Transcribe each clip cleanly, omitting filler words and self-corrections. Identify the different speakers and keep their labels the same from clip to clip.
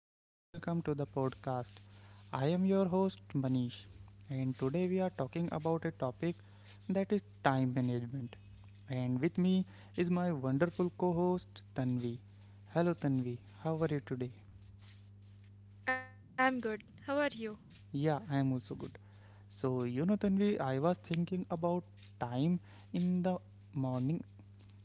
Speaker 1: and welcome to the podcast. I am your host, Manish, and today we are talking about a topic that is time management. And with me is my wonderful co host, Tanvi. Hello, Tanvi, how are you today?
Speaker 2: I'm good. How are you?
Speaker 1: Yeah, I am also good. Tanvi, I was thinking about time in the morning.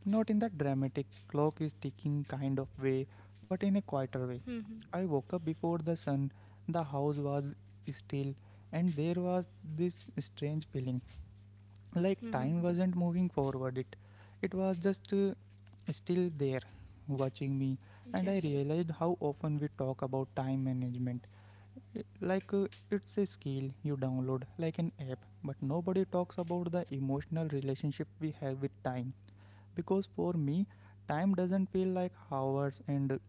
Speaker 1: Not in the dramatic clock is ticking kind of way, but in a quieter way.
Speaker 2: hmm
Speaker 1: I woke up before the sun, the house was still, and there was this strange feeling like time
Speaker 2: hmm
Speaker 1: wasn't moving forward. It was just still there, watching me. And I realized
Speaker 2: Yes.
Speaker 1: how often we talk about time management. Like it's a skill you download like an app, but nobody talks about the emotional relationship we have with time. Because for me, time doesn't feel like hours and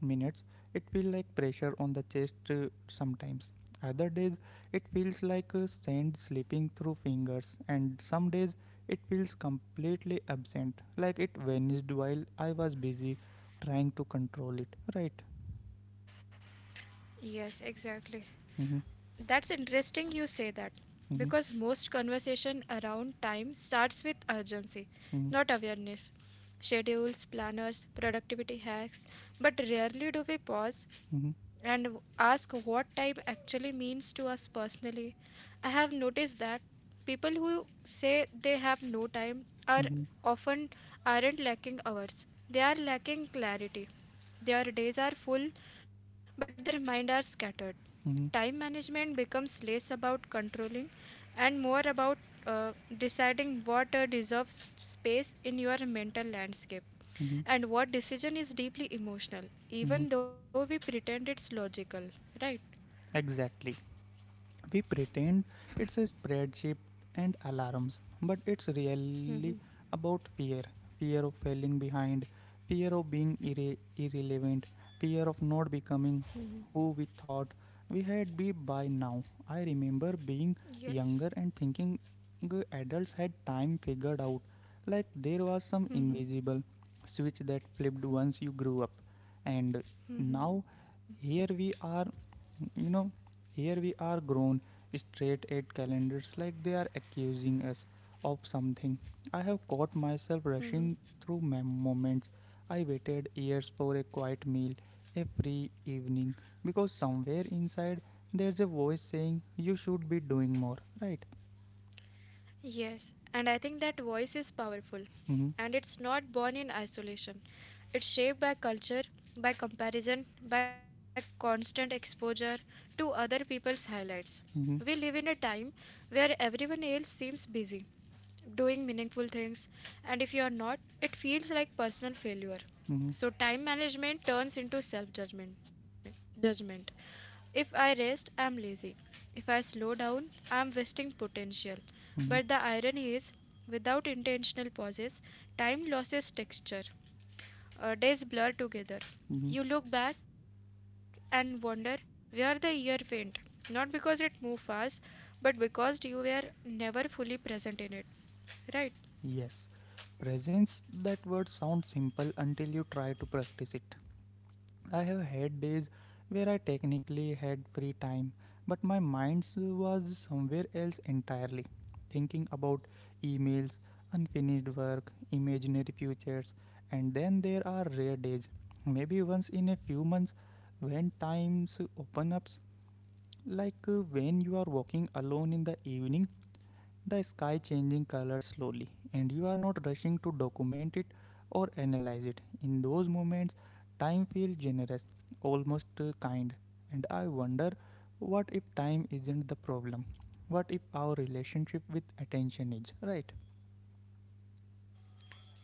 Speaker 1: minutes. It feels like pressure on the chest sometimes. Other days, it feels like sand slipping through fingers. And some days, it feels completely absent, like it vanished while I was busy trying to control it, right?
Speaker 2: Yes, exactly.
Speaker 1: mm-hmm,
Speaker 2: That's interesting you say that
Speaker 1: mm-hmm,
Speaker 2: because most conversation around time starts with urgency,
Speaker 1: mm-hmm,
Speaker 2: not awareness. Schedules, planners, productivity hacks, but rarely do we pause and ask what time actually means to us personally. I have noticed that people who say they have no time
Speaker 1: mm-hmm,
Speaker 2: are
Speaker 1: mm-hmm,
Speaker 2: often aren't lacking hours. They are lacking clarity. Their days are full, but their mind are scattered.
Speaker 1: mm-hmm,
Speaker 2: Time management becomes less about controlling and more about uh, deciding what deserves space in your mental landscape
Speaker 1: mm-hmm.
Speaker 2: and what decision is deeply emotional,
Speaker 1: Mm-hmm.
Speaker 2: even though we pretend it's logical, right?
Speaker 1: Exactly. We pretend it's a spreadsheet and alarms, but it's really
Speaker 2: Mhm.
Speaker 1: about fear. Fear of falling behind, fear of being irrelevant, fear of not becoming who we thought we had be by now. I remember being
Speaker 2: Yes.
Speaker 1: younger and thinking adults had time figured out. Like there was some
Speaker 2: hmm
Speaker 1: invisible switch that flipped once you grew up. And now
Speaker 2: hmm
Speaker 1: here we are, you know, here we are, grown, straight at calendars like they are accusing us of something. I have caught myself
Speaker 2: Mhm.
Speaker 1: rushing through moments. I waited years for a quiet meal, a free evening, because somewhere inside there's a voice saying you should be doing more, right?
Speaker 2: Yes, and I think that voice is powerful.
Speaker 1: Mm-hmm,
Speaker 2: And it's not born in isolation. It's shaped by culture, by comparison, by constant exposure to other people's highlights.
Speaker 1: mm-hmm,
Speaker 2: We live in a time where everyone else seems busy doing meaningful things, and if you are not, it feels like personal failure.
Speaker 1: mm-hmm,
Speaker 2: So time management turns into self judgment. If I rest, I'm lazy. If I slow down, I'm wasting potential.
Speaker 1: mm-hmm,
Speaker 2: But the irony is, without intentional pauses, time loses texture. Days blur together.
Speaker 1: mm-hmm.
Speaker 2: You look back and wonder where the year went, not because it moved fast, but because you were never fully present in it, right?
Speaker 1: Yes, presence, that word sounds simple until you try to practice it. I have had days where I technically had free time, but my mind was somewhere else entirely, thinking about emails, unfinished work, imaginary futures. And then there are rare days, maybe once in a few months, when times open up, like when you are walking alone in the evening, the sky changing color slowly, and you are not rushing to document it or analyze it. In those moments, time feels generous, almost kind. And I wonder, what if time isn't the problem? What if our relationship with attention is, right?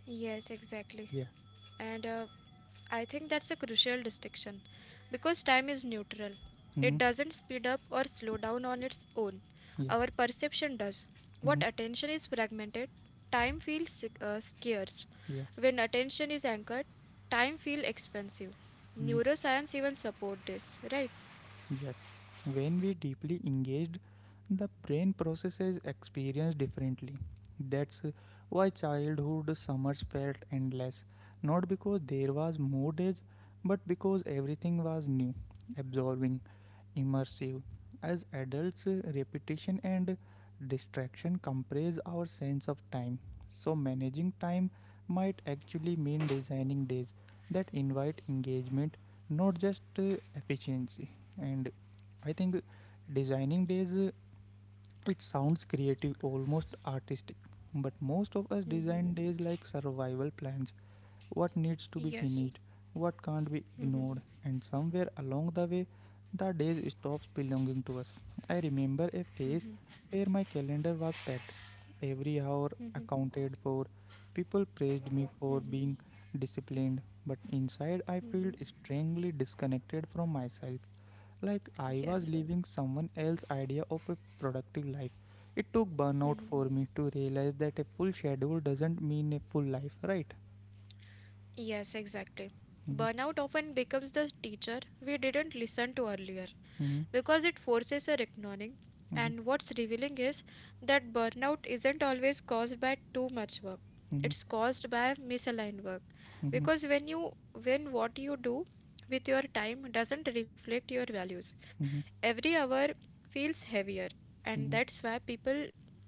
Speaker 2: Yes, exactly.
Speaker 1: Yeah.
Speaker 2: And I think that's a crucial distinction because time is neutral.
Speaker 1: Mm-hmm.
Speaker 2: It doesn't speed up or slow down on its own.
Speaker 1: Yeah.
Speaker 2: Our perception does.
Speaker 1: Mm-hmm.
Speaker 2: What attention is fragmented, time feels scarce.
Speaker 1: Yeah.
Speaker 2: When attention is anchored, time feels expensive.
Speaker 1: Mm-hmm.
Speaker 2: Neuroscience even support this, right?
Speaker 1: Yes, when we deeply engaged, the brain processes experience differently. That's why childhood summers felt endless, not because there was more days, but because everything was new, absorbing, immersive. As adults, repetition and distraction compress our sense of time. So, managing time might actually mean designing days that invite engagement, not just efficiency. And I think designing days, it sounds creative, almost artistic, but most of us design days like survival plans. What needs to be
Speaker 2: Yes.
Speaker 1: finished, what can't be ignored,
Speaker 2: Mhm,
Speaker 1: and somewhere along the way, the days stops belonging to us. I remember a phase
Speaker 2: mhm,
Speaker 1: where my calendar was packed, every hour
Speaker 2: mhm,
Speaker 1: accounted for. People praised me for
Speaker 2: mhm,
Speaker 1: being disciplined, but inside I felt
Speaker 2: mhm.
Speaker 1: strangely disconnected from myself. Like I was
Speaker 2: Yes.
Speaker 1: living someone else's idea of a productive life. It took burnout for me to realize that a full schedule doesn't mean a full life, right?
Speaker 2: Yes, exactly.
Speaker 1: Mhm,
Speaker 2: Burnout often becomes the teacher we didn't listen to earlier
Speaker 1: mhm,
Speaker 2: because it forces a reckoning.
Speaker 1: mhm,
Speaker 2: And what's revealing is that burnout isn't always caused by too much work.
Speaker 1: mhm,
Speaker 2: It's caused by misaligned work.
Speaker 1: mhm,
Speaker 2: Because when what you do with your time doesn't reflect your values,
Speaker 1: mhm,
Speaker 2: every hour feels heavier. And
Speaker 1: mhm,
Speaker 2: that's why people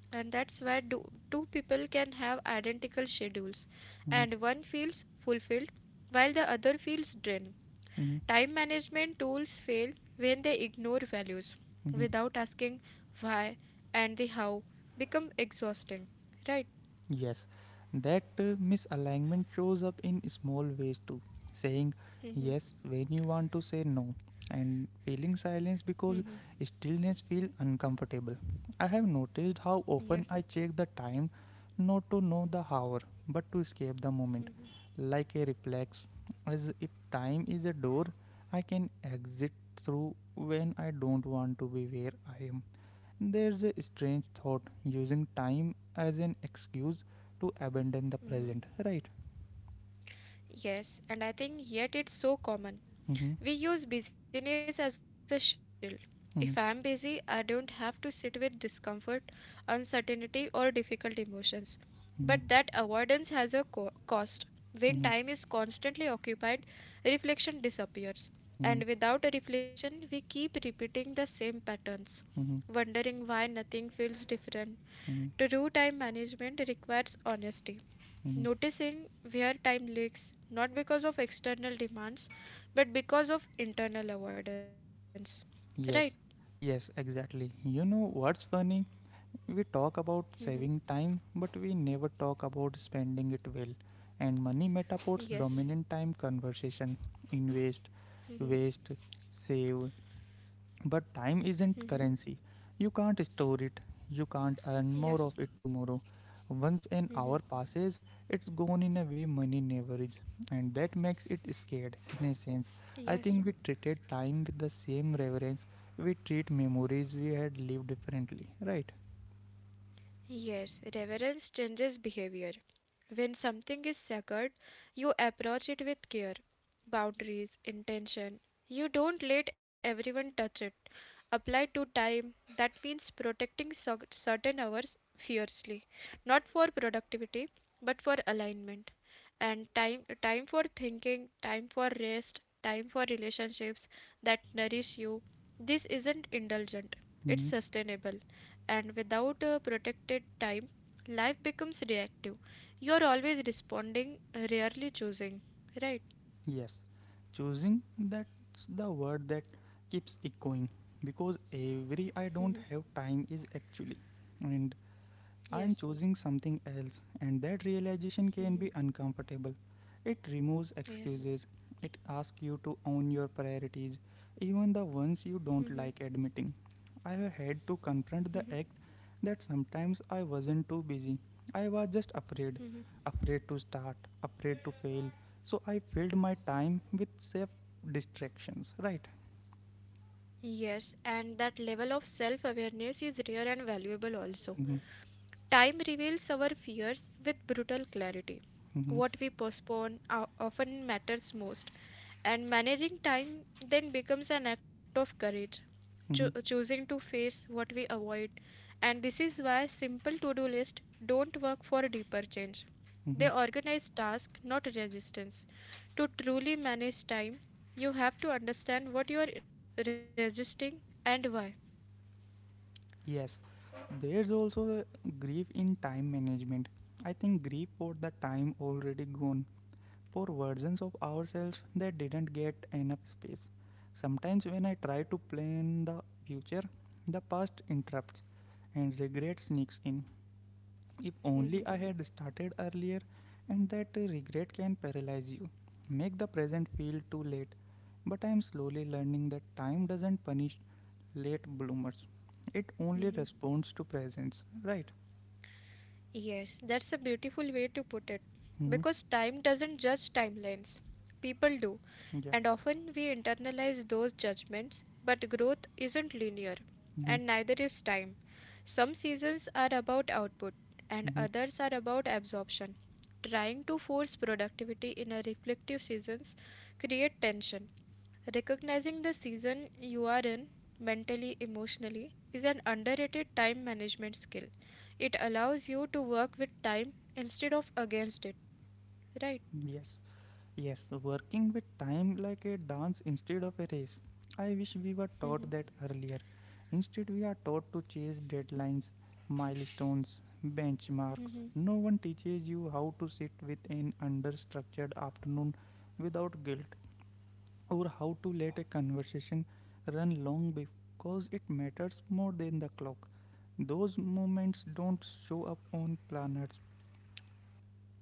Speaker 2: and that's where two people can have identical schedules
Speaker 1: mhm,
Speaker 2: and one feels fulfilled while the other feels drained.
Speaker 1: mhm,
Speaker 2: Time management tools fail when they ignore values
Speaker 1: mhm,
Speaker 2: without asking why and the how become exhausting, right?
Speaker 1: Yes, that misalignment shows up in small ways too. Saying
Speaker 2: hmm
Speaker 1: yes when you want to say no, and feeling
Speaker 2: hmm
Speaker 1: silence because stillness feels uncomfortable. I have noticed
Speaker 2: Yes.
Speaker 1: how often I check the time, not to know the hour but to escape the moment, like a reflex. As if time is a door I can exit through when I don't want to be where I am. There's a strange thought, using time as an excuse to abandon the
Speaker 2: hmm
Speaker 1: present, right?
Speaker 2: Yes, and I think yet it's so common.
Speaker 1: Mhm,
Speaker 2: We use busyness as a shield. If I am busy, I
Speaker 1: mhm,
Speaker 2: don't have to sit with discomfort, uncertainty, or difficult emotions. But that
Speaker 1: mhm,
Speaker 2: avoidance has a cost. When time
Speaker 1: mhm,
Speaker 2: is constantly occupied, reflection disappears.
Speaker 1: mhm,
Speaker 2: And without a reflection, we keep repeating the same patterns,
Speaker 1: mhm,
Speaker 2: wondering why nothing feels different.
Speaker 1: mhm,
Speaker 2: True time management requires honesty,
Speaker 1: mhm.
Speaker 2: noticing where time leaks, not because of external demands but because of internal avoidance, right?
Speaker 1: Yes, yes, exactly. You know what's funny? We talk about
Speaker 2: Mm-hmm.
Speaker 1: saving time, but we never talk about spending it well. And money metaphors
Speaker 2: Yes.
Speaker 1: dominant time conversation. Invest,
Speaker 2: Mm-hmm.
Speaker 1: waste, save. But time isn't
Speaker 2: Mm-hmm.
Speaker 1: currency. You can't store it. You can't earn more of
Speaker 2: Yes.
Speaker 1: it tomorrow. Once an hour
Speaker 2: Mm-hmm.
Speaker 1: passes, it's gone in a way money never is. And that makes it scared, in a sense. I think we
Speaker 2: Yes.
Speaker 1: treated time with the same reverence we treat memories we had lived differently, right?
Speaker 2: Yes, reverence changes behavior. When something is sacred, you approach it with care, boundaries, intention. You don't let everyone touch it. Applied to time, that means protecting certain hours fiercely, not for productivity, but for alignment. And time for thinking, time for rest, time for relationships that nourish you. This isn't indulgent, it's
Speaker 1: Hmm.
Speaker 2: sustainable, and without a protected time, life becomes reactive. You are always responding, rarely choosing, right?
Speaker 1: Yes. Choosing, that's the word that keeps echoing. Because every
Speaker 2: Mhm.
Speaker 1: I don't have time is actually. And
Speaker 2: Yes,
Speaker 1: I am choosing something else, and that realization can be uncomfortable. It removes
Speaker 2: yes.
Speaker 1: excuses, it asks you to own your priorities, even the ones you
Speaker 2: Mhm.
Speaker 1: don't like admitting. I have had to confront the act that sometimes I wasn't too busy, I was just afraid.
Speaker 2: Mhm.
Speaker 1: Afraid to start, afraid to fail. So I filled my time with safe distractions, right?
Speaker 2: Yes, and that level of self awareness is rare and valuable also.
Speaker 1: Mm-hmm,
Speaker 2: Time reveals our fears with brutal clarity.
Speaker 1: mm-hmm,
Speaker 2: What we postpone often matters most, and managing time then becomes an act of courage,
Speaker 1: mm-hmm,
Speaker 2: choosing to face what we avoid. And this is why simple to do lists don't work for deeper change. They
Speaker 1: mm-hmm.
Speaker 2: organize tasks, not resistance. To truly manage time, you have to understand what you are resisting and why.
Speaker 1: Yes, there's also a grief in time management. I think grief for the time already gone, for versions of ourselves that didn't get enough space. Sometimes when I try to plan the future, the past interrupts and regret sneaks in. If only I had started earlier, and that regret can paralyze you, make the present feel too late. But I am slowly learning that time doesn't punish late bloomers, it only
Speaker 2: Mhm.
Speaker 1: responds to presence, right?
Speaker 2: Yes, that's a beautiful way to put it.
Speaker 1: Hmm.
Speaker 2: Because time doesn't judge timelines, people do.
Speaker 1: Yeah.
Speaker 2: And often we internalize those judgments, but growth isn't linear,
Speaker 1: hmm
Speaker 2: and neither is time. Some seasons are about output, and
Speaker 1: hmm.
Speaker 2: others are about absorption. Trying to force productivity in a reflective seasons create tension. Recognizing the season you are in mentally, emotionally is an underrated time management skill. It allows you to work with time instead of against it, right?
Speaker 1: Yes. Yes, working with time like a dance instead of a race. I wish we were
Speaker 2: Mhm,
Speaker 1: taught that earlier. Instead, we are taught to chase deadlines, milestones, benchmarks.
Speaker 2: mhm.
Speaker 1: No one teaches you how to sit with an understructured afternoon without guilt, or how to let a conversation run long because it matters more than the clock. Those moments don't show up on planners,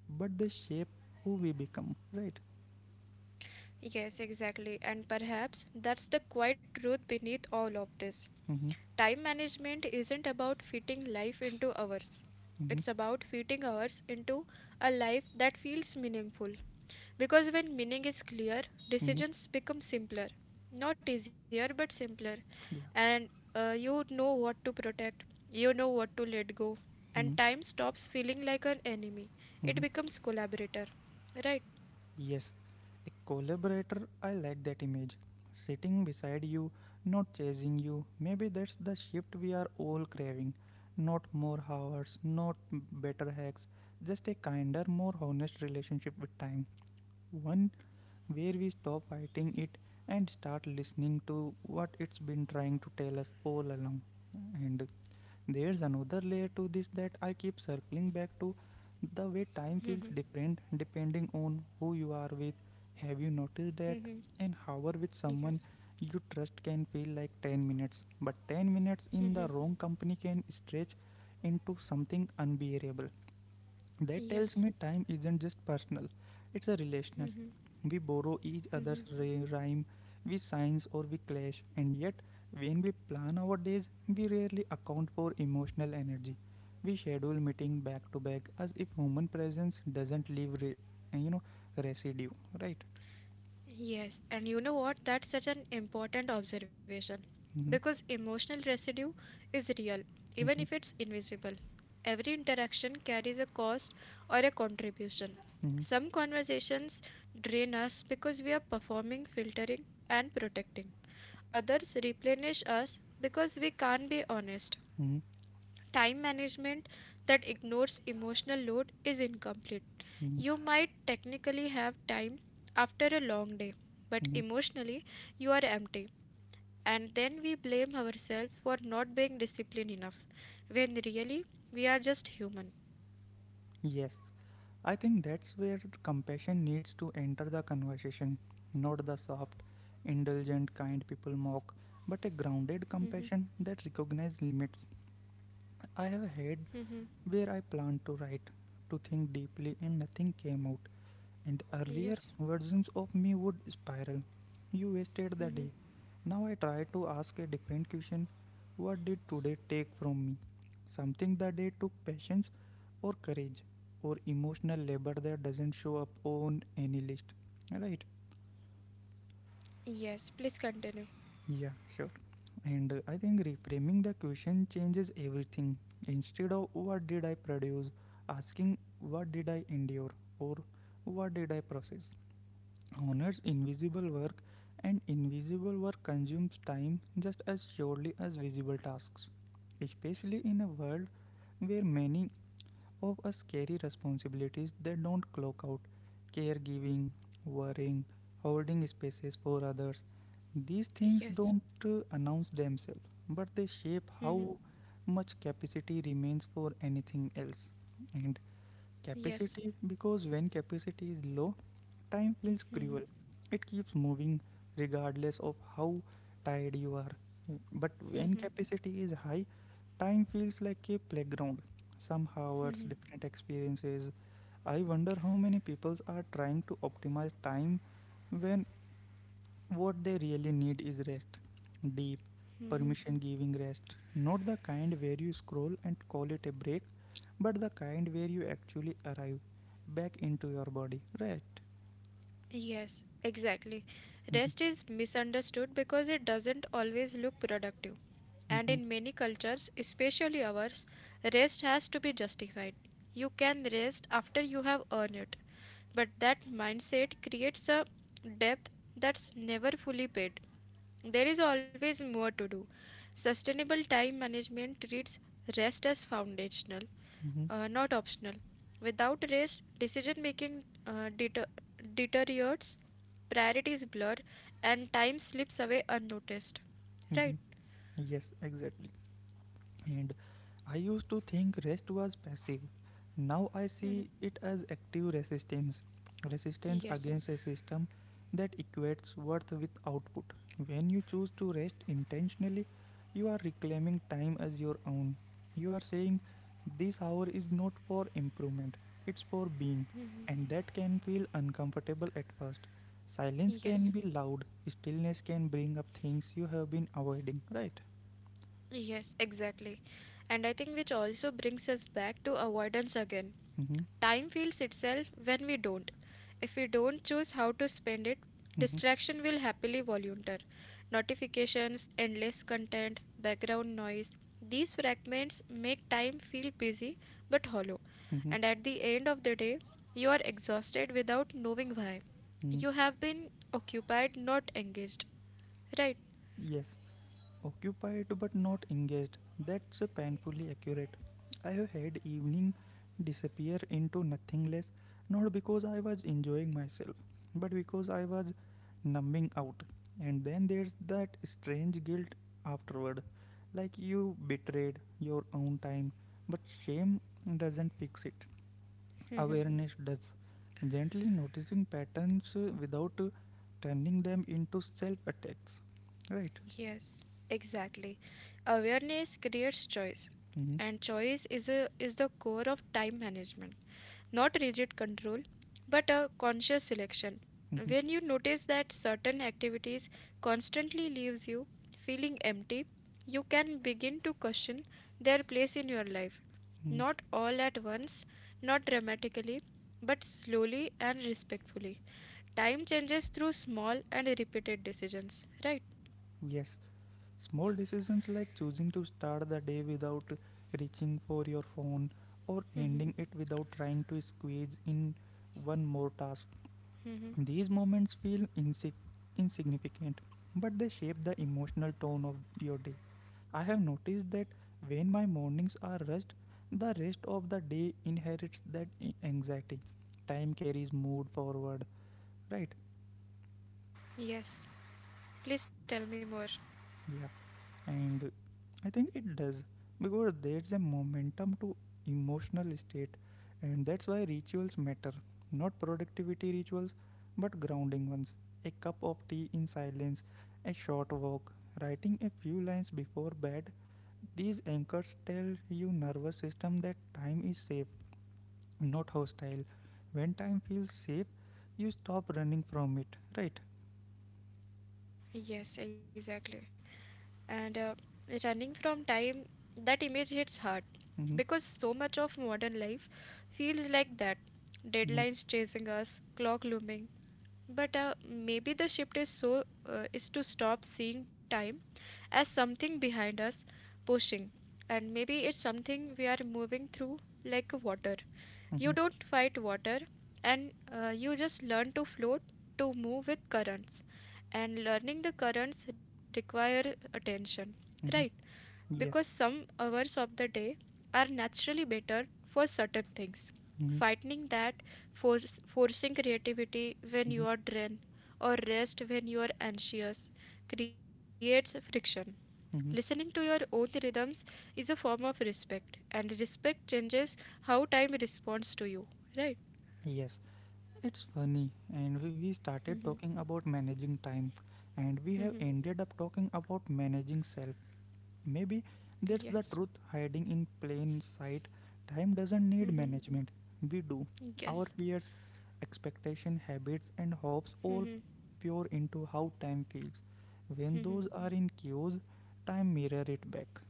Speaker 1: but they shape who we become, right?
Speaker 2: Yes, exactly. And perhaps that's the quiet truth beneath all of this.
Speaker 1: Mm-hmm,
Speaker 2: Time management isn't about fitting life into hours.
Speaker 1: mm-hmm,
Speaker 2: It's about fitting hours into a life that feels meaningful. Because when meaning is clear,
Speaker 1: Mm-hmm.
Speaker 2: decisions become simpler. Not easier, but simpler.
Speaker 1: Yeah.
Speaker 2: And you know what to protect, you know what to let go. And
Speaker 1: hmm
Speaker 2: time stops feeling like an enemy. It
Speaker 1: hmm.
Speaker 2: becomes collaborator. Right?
Speaker 1: Yes, a collaborator, I like that image. Sitting beside you, not chasing you. Maybe that's the shift we are all craving. Not more hours, not better hacks, just a kinder, more honest relationship with time. One where we stop fighting it and start listening to what it's been trying to tell us all along. And there's another layer to this that I keep circling back to. The way time
Speaker 2: Mm-hmm.
Speaker 1: feels different depending on who you are with. Have you noticed that?
Speaker 2: Mm-hmm.
Speaker 1: An hour with someone
Speaker 2: Yes.
Speaker 1: you trust can feel like 10 minutes, but 10 minutes in the wrong company can stretch into something unbearable. That
Speaker 2: Yes.
Speaker 1: tells me time isn't just personal, it's a relational.
Speaker 2: Mm-hmm.
Speaker 1: We borrow each
Speaker 2: Mm-hmm.
Speaker 1: other's rhyme, we signs, or we clash, and yet, when we plan our days, we rarely account for emotional energy. We schedule meeting back to back as if human presence doesn't leave, you know, residue, right?
Speaker 2: Yes, and you know what? That's such an important observation
Speaker 1: Mm-hmm,
Speaker 2: because emotional residue is real, even if
Speaker 1: mm-hmm,
Speaker 2: it's invisible. Every interaction carries a cost or a contribution.
Speaker 1: mm-hmm,
Speaker 2: Some conversations drain us because we are performing filtering and protecting, others replenish us because we can't be honest.
Speaker 1: mm-hmm,
Speaker 2: Time management that ignores emotional load is incomplete.
Speaker 1: mm-hmm,
Speaker 2: You might technically have time after a long day, but
Speaker 1: mm-hmm.
Speaker 2: emotionally you are empty. And then we blame ourselves for not being disciplined enough, when really we are just human.
Speaker 1: Yes, I think that's where the compassion needs to enter the conversation, not the soft, indulgent kind people mock, but a grounded
Speaker 2: Mm-hmm.
Speaker 1: compassion that recognizes limits. I have a head
Speaker 2: Mm-hmm.
Speaker 1: where I planned to write, to think deeply, and nothing came out, and earlier
Speaker 2: Yes.
Speaker 1: versions of me would spiral. You wasted the
Speaker 2: Mm-hmm.
Speaker 1: day. Now I try to ask a different question. What did today take from me? Something that day took patience or courage or emotional labor that doesn't show up on any list. Right?
Speaker 2: Yes. Please continue.
Speaker 1: Yeah, sure. And I think reframing the question changes everything. Instead of what did I produce, asking what did I endure or what did I process honors invisible work, and invisible work consumes time just as surely as visible tasks, especially in a world where many of us carry responsibilities they don't clock out: caregiving, worrying, holding spaces for others. These things
Speaker 2: Yes.
Speaker 1: don't announce themselves, but they shape
Speaker 2: Mm-hmm.
Speaker 1: how much capacity remains for anything else. And
Speaker 2: Yes.
Speaker 1: capacity, because when capacity is low, time feels
Speaker 2: Mm-hmm.
Speaker 1: cruel. It keeps moving regardless of how tired you are. But when capacity is high, time feels like a playground. Some hours, different experiences. I wonder how many people are trying to optimize time when what they really need is rest. Deep, permission giving rest. Not the kind where you scroll and call it a break, but the kind where you actually arrive back into your body. Right.
Speaker 2: Yes, exactly. Rest is misunderstood because it doesn't always look productive. And
Speaker 1: Mhm,
Speaker 2: in many cultures, especially ours, rest has to be justified. You can rest after you have earned it. But that mindset creates a depth that's never fully paid. There is always more to do. Sustainable time management treats rest as foundational,
Speaker 1: mhm,
Speaker 2: not optional. Without rest, decision making deteriorates, priorities blur, and time slips away unnoticed.
Speaker 1: mhm.
Speaker 2: Right?
Speaker 1: Yes, exactly. And I used to think rest was passive. Now I
Speaker 2: Mhm.
Speaker 1: see it as active resistance. Resistance
Speaker 2: Yes.
Speaker 1: against a system that equates worth with output. When you choose to rest intentionally, you are reclaiming time as your own. You are saying this hour is not for improvement, it's for being,
Speaker 2: Mhm.
Speaker 1: and that can feel uncomfortable at first. Silence can
Speaker 2: Yes.
Speaker 1: be loud, stillness can bring up things you have been avoiding, right?
Speaker 2: Yes, exactly. And I think which also brings us back to avoidance again.
Speaker 1: Mm-hmm,
Speaker 2: Time feels itself when we don't. If we don't choose how to spend it,
Speaker 1: mm-hmm,
Speaker 2: distraction will happily volunteer. Notifications, endless content, background noise. These fragments make time feel busy but hollow.
Speaker 1: mm-hmm.
Speaker 2: And at the end of the day, you are exhausted without knowing why.
Speaker 1: Hmm,
Speaker 2: You have been occupied, not engaged. Right?
Speaker 1: yes, occupied but not engaged. That's painfully accurate. I have had evening disappear into nothingness, not because I was enjoying myself, but because I was numbing out. And then there's that strange guilt afterward, like you betrayed your own time. But shame doesn't fix it. Awareness does. Gently noticing patterns without turning them into self attacks. Right.
Speaker 2: Yes. Exactly. Awareness creates choice,
Speaker 1: Hmm.
Speaker 2: and choice is the core of time management, not rigid control, but a conscious selection.
Speaker 1: Hmm, hmm.
Speaker 2: When you notice that certain activities constantly leaves you feeling empty, you can begin to question their place in your life. Not all at once, not dramatically, but slowly and respectfully. Time changes through small and repeated decisions, right?
Speaker 1: Yes. Small decisions like choosing to start the day without reaching for your phone or
Speaker 2: hmm
Speaker 1: ending it without trying to squeeze in one more task.
Speaker 2: hmm
Speaker 1: These moments feel insignificant, but they shape the emotional tone of your day. I have noticed that when my mornings are rushed, the rest of the day inherits that anxiety. Time carries mood forward, right?
Speaker 2: Yes. Please tell me more.
Speaker 1: Yeah, and I think it does, because there's a momentum to emotional state, and that's why rituals matter. Not productivity rituals, but grounding ones: a cup of tea in silence, a short walk, writing a few lines before bed. These anchors tell your nervous system that time is safe, not hostile. When time feels safe, you stop running from it, right?
Speaker 2: Yes, exactly. And running from time, that image hits hard
Speaker 1: Mm-hmm,
Speaker 2: because so much of modern life feels like that,
Speaker 1: mm-hmm,
Speaker 2: deadlines chasing us, clock looming. But maybe the shift is to stop seeing time as something behind us pushing, and maybe it's something we are moving through like water. You
Speaker 1: mm-hmm,
Speaker 2: don't fight water, and you just learn to float, to move with currents. And learning the currents require attention, right?
Speaker 1: mm-hmm.
Speaker 2: Because
Speaker 1: Yes.
Speaker 2: some hours of the day are naturally better for certain things.
Speaker 1: Mm-hmm,
Speaker 2: Fighting that, forcing creativity when
Speaker 1: mm-hmm,
Speaker 2: you are drained or rest when you are anxious, creates friction. Listening to
Speaker 1: mm-hmm.
Speaker 2: your own rhythms is a form of respect, and respect changes how time responds to you. Right?
Speaker 1: Yes, it's funny, and we started
Speaker 2: Mm-hmm.
Speaker 1: talking about managing time, and we have ended up talking about managing self. Maybe
Speaker 2: Yes.
Speaker 1: that's the truth hiding in plain sight. Time doesn't need
Speaker 2: Mm-hmm.
Speaker 1: management, we do. Our
Speaker 2: Yes.
Speaker 1: fears, expectation, habits, and hopes all
Speaker 2: Mm-hmm.
Speaker 1: pour into how time feels. When those
Speaker 2: Mm-hmm.
Speaker 1: are in cues, time mirror it back.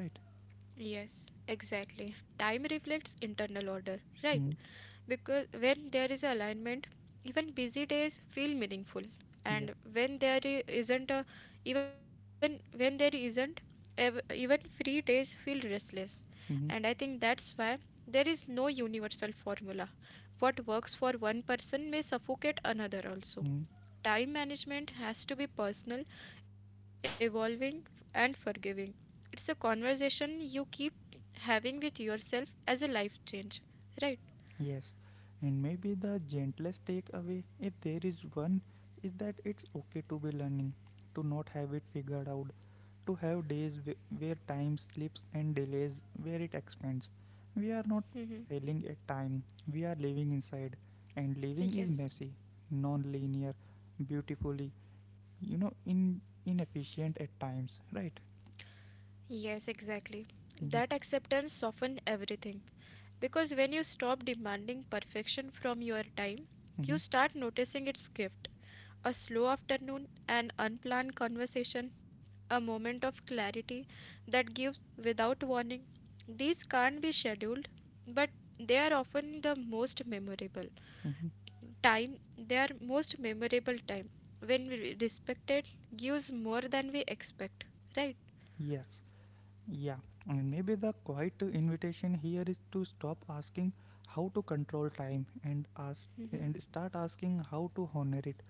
Speaker 1: Right?
Speaker 2: Yes, exactly. Time reflects internal order, right?
Speaker 1: Mm.
Speaker 2: Because when there is alignment, even busy days feel meaningful.
Speaker 1: Yeah.
Speaker 2: And when there I- isn't a, even when there isn't, even free days feel restless.
Speaker 1: Mm-hmm.
Speaker 2: And I think that's why there is no universal formula. What works for one person may suffocate another
Speaker 1: Mm-hmm.
Speaker 2: also. Time management has to be personal, evolving, and forgiving. It's a conversation you keep having with yourself as a life change, right?
Speaker 1: Yes, and maybe the gentlest takeaway, if there is one, is that it's okay to be learning, to not have it figured out, to have days where time slips and delays, where it expands. We are not
Speaker 2: Mm-hmm.
Speaker 1: failing at time, we are living inside, and living is
Speaker 2: Yes,
Speaker 1: messy, non linear, beautifully, inefficient at times, right?
Speaker 2: yes, exactly. That
Speaker 1: Mm-hmm,
Speaker 2: acceptance softens everything. Because when you stop demanding perfection from your time,
Speaker 1: mm-hmm,
Speaker 2: you start noticing its gift. A slow afternoon, an unplanned conversation, a moment of clarity that gives without warning. These can't be scheduled, but they are often the most memorable
Speaker 1: mm-hmm.
Speaker 2: time. They are most memorable time when we respect it, gives more than we expect, right?
Speaker 1: Yes. Yeah, and maybe the quiet invitation here is to stop asking how to control time,
Speaker 2: hmm
Speaker 1: and start asking how to honor it,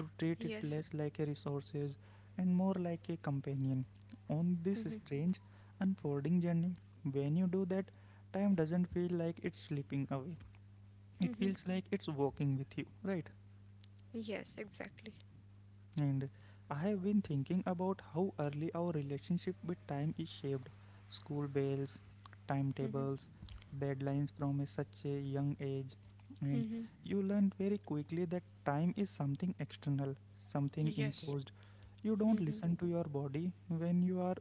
Speaker 1: to treat it
Speaker 2: Yes.
Speaker 1: less like a resources and more like a companion. On this strange unfolding journey, when you do that, time doesn't feel like it's slipping away. It feels like it's walking with you, right?
Speaker 2: Yes, exactly.
Speaker 1: And I have been thinking about how early our relationship with time is shaped. School bells, timetables, deadlines from such a young age. And you learn very quickly that time is something external, something
Speaker 2: Yes.
Speaker 1: imposed. You don't listen to your body when you are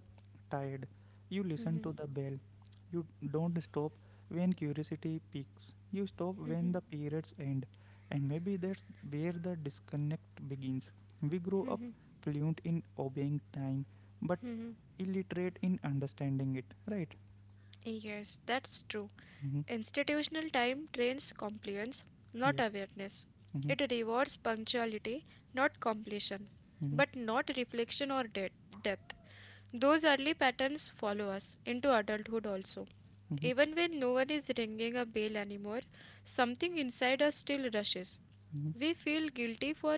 Speaker 1: tired. You listen to the bell. You don't stop when curiosity peaks. You stop when the periods end. And maybe that's where the disconnect begins. We grow up fluent in obeying time, but
Speaker 2: Mhm.
Speaker 1: illiterate in understanding it, right?
Speaker 2: Yes, that's true.
Speaker 1: Mm-hmm.
Speaker 2: Institutional time trains compliance, not
Speaker 1: Yeah.
Speaker 2: awareness.
Speaker 1: Mm-hmm.
Speaker 2: It rewards punctuality, not completion,
Speaker 1: Mm-hmm.
Speaker 2: but not reflection or depth. Those early patterns follow us into adulthood also.
Speaker 1: Mm-hmm.
Speaker 2: Even when no one is ringing a bell anymore, something inside us still rushes.
Speaker 1: Mm-hmm.
Speaker 2: We feel guilty for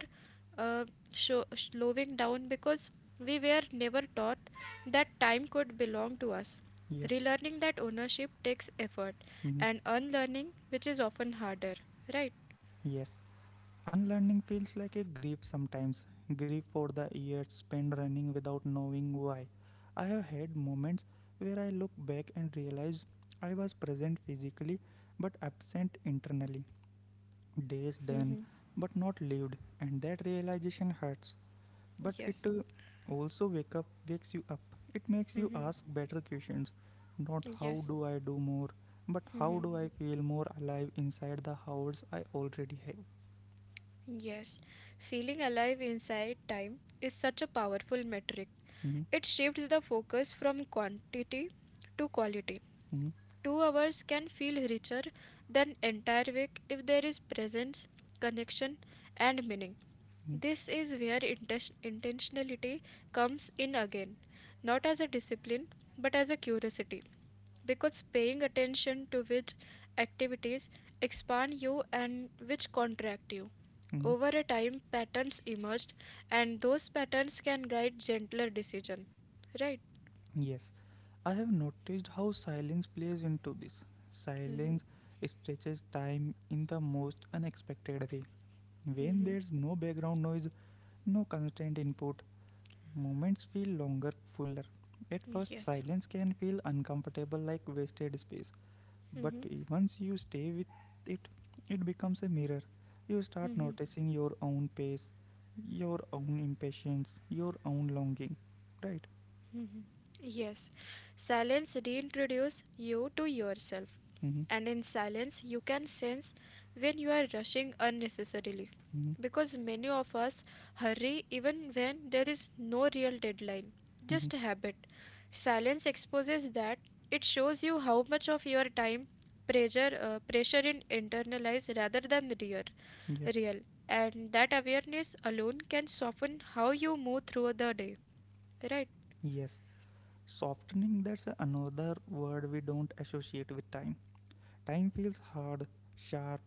Speaker 2: uh, sho slowing down because we were never taught that time could belong to us.
Speaker 1: Yeah.
Speaker 2: Relearning that ownership takes effort,
Speaker 1: Mm-hmm.
Speaker 2: and unlearning, which is often harder, right?
Speaker 1: Yes. Unlearning feels like a grief sometimes, grief for the years spent running without knowing why. I have had moments where I look back and realize I was present physically but absent internally. Days done
Speaker 2: Mm-hmm.
Speaker 1: but not lived, and that realization hurts. But it
Speaker 2: Yes.
Speaker 1: also wakes you up. It makes you
Speaker 2: hmm
Speaker 1: ask better questions. Not how
Speaker 2: Yes.
Speaker 1: do I do more, but how
Speaker 2: hmm
Speaker 1: do I feel more alive inside the hours I already have.
Speaker 2: Yes, feeling alive inside time is such a powerful metric.
Speaker 1: Mhm,
Speaker 2: It shifts the focus from quantity to quality.
Speaker 1: mhm,
Speaker 2: 2 hours can feel richer than entire week if there is presence, connection, and meaning.
Speaker 1: mhm,
Speaker 2: This is where intentionality comes in again, not as a discipline but as a curiosity, because paying attention to which activities expand you and which contract you.
Speaker 1: mhm.
Speaker 2: Over a time, patterns emerged, and those patterns can guide gentler decision. Right?
Speaker 1: Yes, I have noticed how silence plays into this.
Speaker 2: hmm
Speaker 1: Silence stretches time in the most unexpected way, when there's no background noise, no constant input. Moments feel longer, fuller. At first,
Speaker 2: Yes.
Speaker 1: silence can feel uncomfortable, like wasted space, but
Speaker 2: hmm
Speaker 1: once you stay with it, it becomes a mirror. You start
Speaker 2: hmm
Speaker 1: noticing your own pace, your own impatience, your own longing. Right?
Speaker 2: Yes. Silence reintroduces you to yourself.
Speaker 1: Mm-hmm.
Speaker 2: And in silence you can sense when you are rushing unnecessarily,
Speaker 1: Mm-hmm.
Speaker 2: because many of us hurry even when there is no real deadline,
Speaker 1: Mm-hmm.
Speaker 2: just a habit. Silence exposes that. It shows you how much of your time pressure pressure in internalized rather than real
Speaker 1: Yeah.
Speaker 2: real And that awareness alone can soften how you move through the day, right?
Speaker 1: Yes. Softening, that's another word we don't associate with time. Time feels hard, sharp,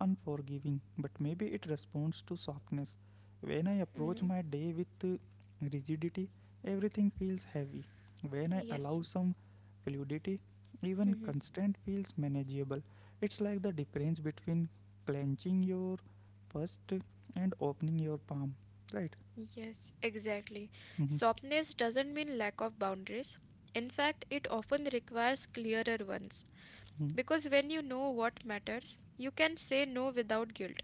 Speaker 1: unforgiving, but maybe it responds to softness. When I approach
Speaker 2: Mm-hmm.
Speaker 1: my day with rigidity, everything feels heavy. When I
Speaker 2: Yes.
Speaker 1: allow some fluidity, even
Speaker 2: Mm-hmm.
Speaker 1: constraint feels manageable. It's like the difference between clenching your fist and opening your palm, right?
Speaker 2: Yes, exactly.
Speaker 1: Mm-hmm,
Speaker 2: Softness doesn't mean lack of boundaries. In fact, it often requires clearer ones.
Speaker 1: mm-hmm,
Speaker 2: Because when you know what matters, you can say no without guilt.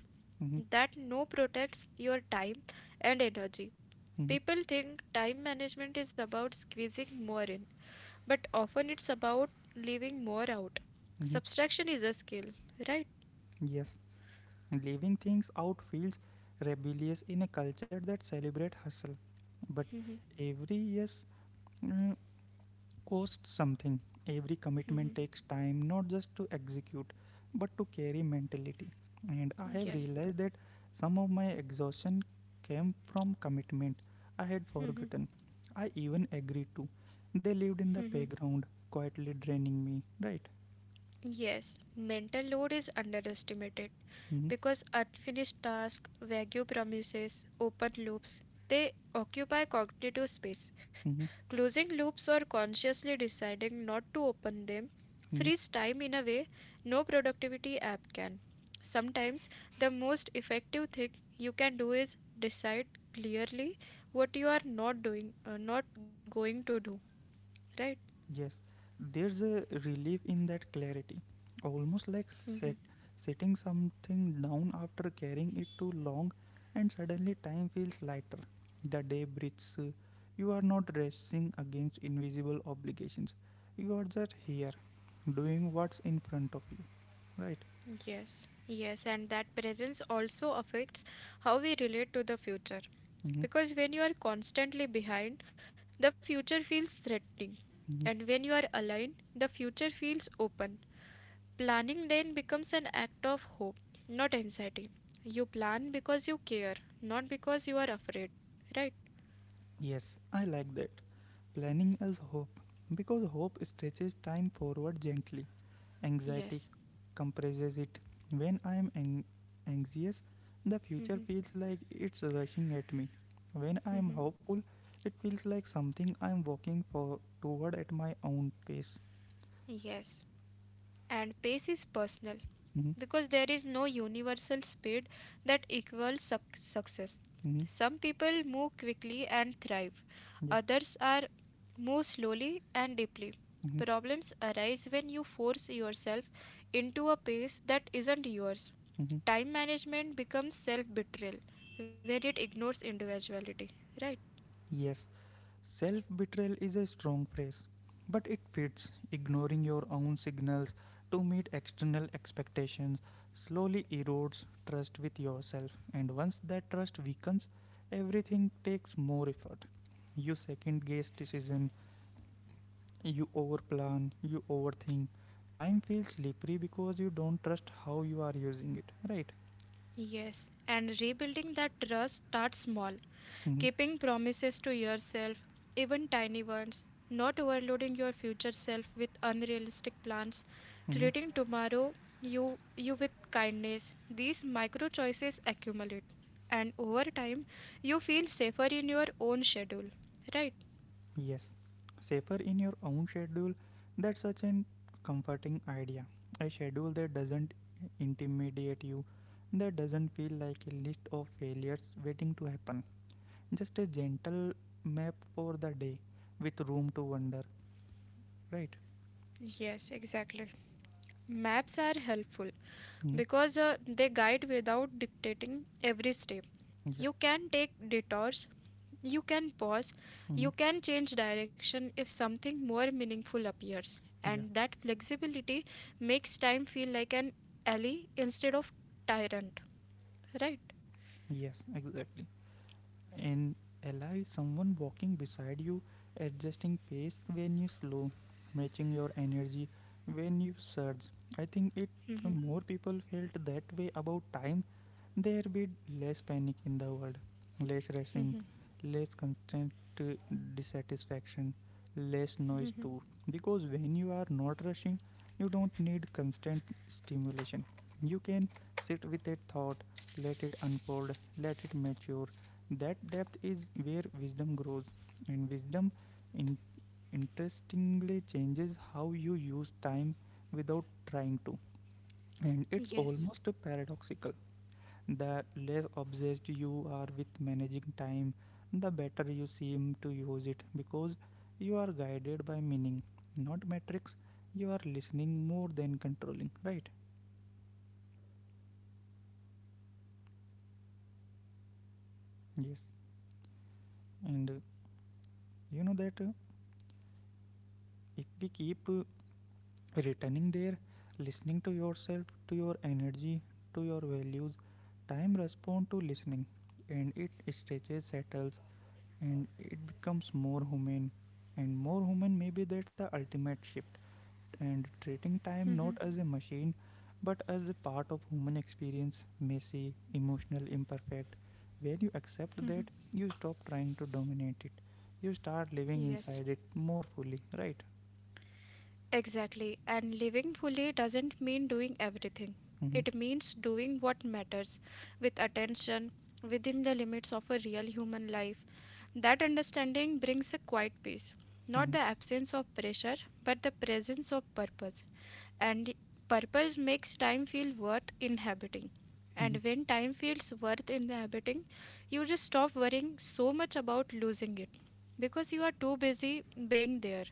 Speaker 1: mm-hmm,
Speaker 2: That no protects your time and energy.
Speaker 1: mm-hmm.
Speaker 2: People think time management is about squeezing more in, but often it's about leaving more out.
Speaker 1: Mm-hmm.
Speaker 2: Subtraction is a skill, right?
Speaker 1: Yes. Leaving things out feels rebellious in a culture that celebrates hustle. But every yes mm, costs something. Every commitment takes time, not just to execute, but to carry mentality. And I have
Speaker 2: Yes.
Speaker 1: realized that some of my exhaustion came from commitment I had forgotten. I even agreed to. They lived in the background, quietly draining me, right?
Speaker 2: Yes, mental load is underestimated,
Speaker 1: Mm-hmm.
Speaker 2: because unfinished tasks, vague promises, open loops, they occupy cognitive space.
Speaker 1: Mm-hmm,
Speaker 2: Closing loops or consciously deciding not to open them
Speaker 1: mm-hmm.
Speaker 2: frees time in a way no productivity app can. Sometimes the most effective thing you can do is decide clearly what you are not going to do, right?
Speaker 1: Yes, there's a relief in that clarity, almost like setting something down after carrying it too long, and suddenly time feels lighter. The day breathes. You are not racing against invisible obligations. You are just here, doing what's in front of you, right?
Speaker 2: Yes, yes, and that presence also affects how we relate to the future,
Speaker 1: Hmm,
Speaker 2: because when you are constantly behind, the future feels threatening.
Speaker 1: hmm.
Speaker 2: And when you are aligned, the future feels open. Planning then becomes an act of hope, not anxiety. You plan because you care, not because you are afraid. Right?
Speaker 1: Yes, I like that. Planning as hope, because hope stretches time forward gently. Anxiety
Speaker 2: Yes.
Speaker 1: compresses it. When I am anxious, the future feels like it's rushing at me. When I am hopeful, it feels like something I am walking for toward at my own pace.
Speaker 2: Yes. And pace is personal,
Speaker 1: Mm-hmm,
Speaker 2: because there is no universal speed that equals success.
Speaker 1: mm-hmm,
Speaker 2: Some people move quickly and thrive,
Speaker 1: yeah,
Speaker 2: others are move slowly and deeply.
Speaker 1: mm-hmm,
Speaker 2: Problems arise when you force yourself into a pace that isn't yours.
Speaker 1: mm-hmm.
Speaker 2: Time management becomes self betrayal when it ignores individuality, right?
Speaker 1: Yes. Self betrayal is a strong phrase, but it fits. Ignoring your own signals to meet external expectations slowly erodes trust with yourself, and once that trust weakens, everything takes more effort. You second guess decision, you overplan, you overthink. Time feels slippery because you don't trust how you are using it, right?
Speaker 2: Yes, and rebuilding that trust starts small.
Speaker 1: Mm-hmm.
Speaker 2: Keeping promises to yourself, even tiny ones, not overloading your future self with unrealistic plans,
Speaker 1: Mm-hmm.
Speaker 2: treating tomorrow you you with kindness. These micro choices accumulate and over time you feel safer in your own schedule. Right?
Speaker 1: Yes, safer in your own schedule. That's such a comforting idea. A schedule that doesn't intimidate you, that doesn't feel like a list of failures waiting to happen. Just a gentle map for the day, with room to wander, right?
Speaker 2: Yes, exactly. Maps are helpful
Speaker 1: Hmm?
Speaker 2: because they guide without dictating every step.
Speaker 1: Yeah.
Speaker 2: You can take detours. You can pause,
Speaker 1: Hmm.
Speaker 2: you can change direction if something more meaningful appears,
Speaker 1: Yeah.
Speaker 2: and that flexibility makes time feel like an ally instead of tyrant, right?
Speaker 1: Yes, exactly. An ally, someone walking beside you, adjusting pace when you slow, matching your energy when you surge. I think, it if
Speaker 2: Hmm.
Speaker 1: more people felt that way about time, there be less panic in the world, less rushing, less constant uh, dissatisfaction, less noise too. Because when you are not rushing, you don't need constant stimulation. You can sit with a thought, let it unfold, let it mature. That depth is where wisdom grows, and wisdom in- interestingly changes how you use time without trying to. And it's
Speaker 2: Yes.
Speaker 1: almost paradoxical. The less obsessed you are with managing time, the better you seem to use it, because you are guided by meaning, not metrics. You are listening more than controlling, right? Yes. And you know that if we keep returning there, listening to yourself, to your energy, to your values, time responds to listening, and it stretches, settles, and it becomes more human. And more human, maybe that's the ultimate shift. And treating time
Speaker 2: Mhm.
Speaker 1: not as a machine but as a part of human experience, messy, emotional, imperfect. When you accept that, you stop trying to dominate it. You start living
Speaker 2: Yes.
Speaker 1: inside it more fully, right?
Speaker 2: Exactly. And living fully doesn't mean doing everything.
Speaker 1: Mm-hmm.
Speaker 2: It means doing what matters with attention within the limits of a real human life. That understanding brings a quiet peace. Not the
Speaker 1: Mm-hmm.
Speaker 2: absence of pressure, but the presence of purpose. And purpose makes time feel worth inhabiting,
Speaker 1: Mm-hmm.
Speaker 2: and when time feels worth inhabiting you just stop worrying so much about losing it, because you are too busy being there,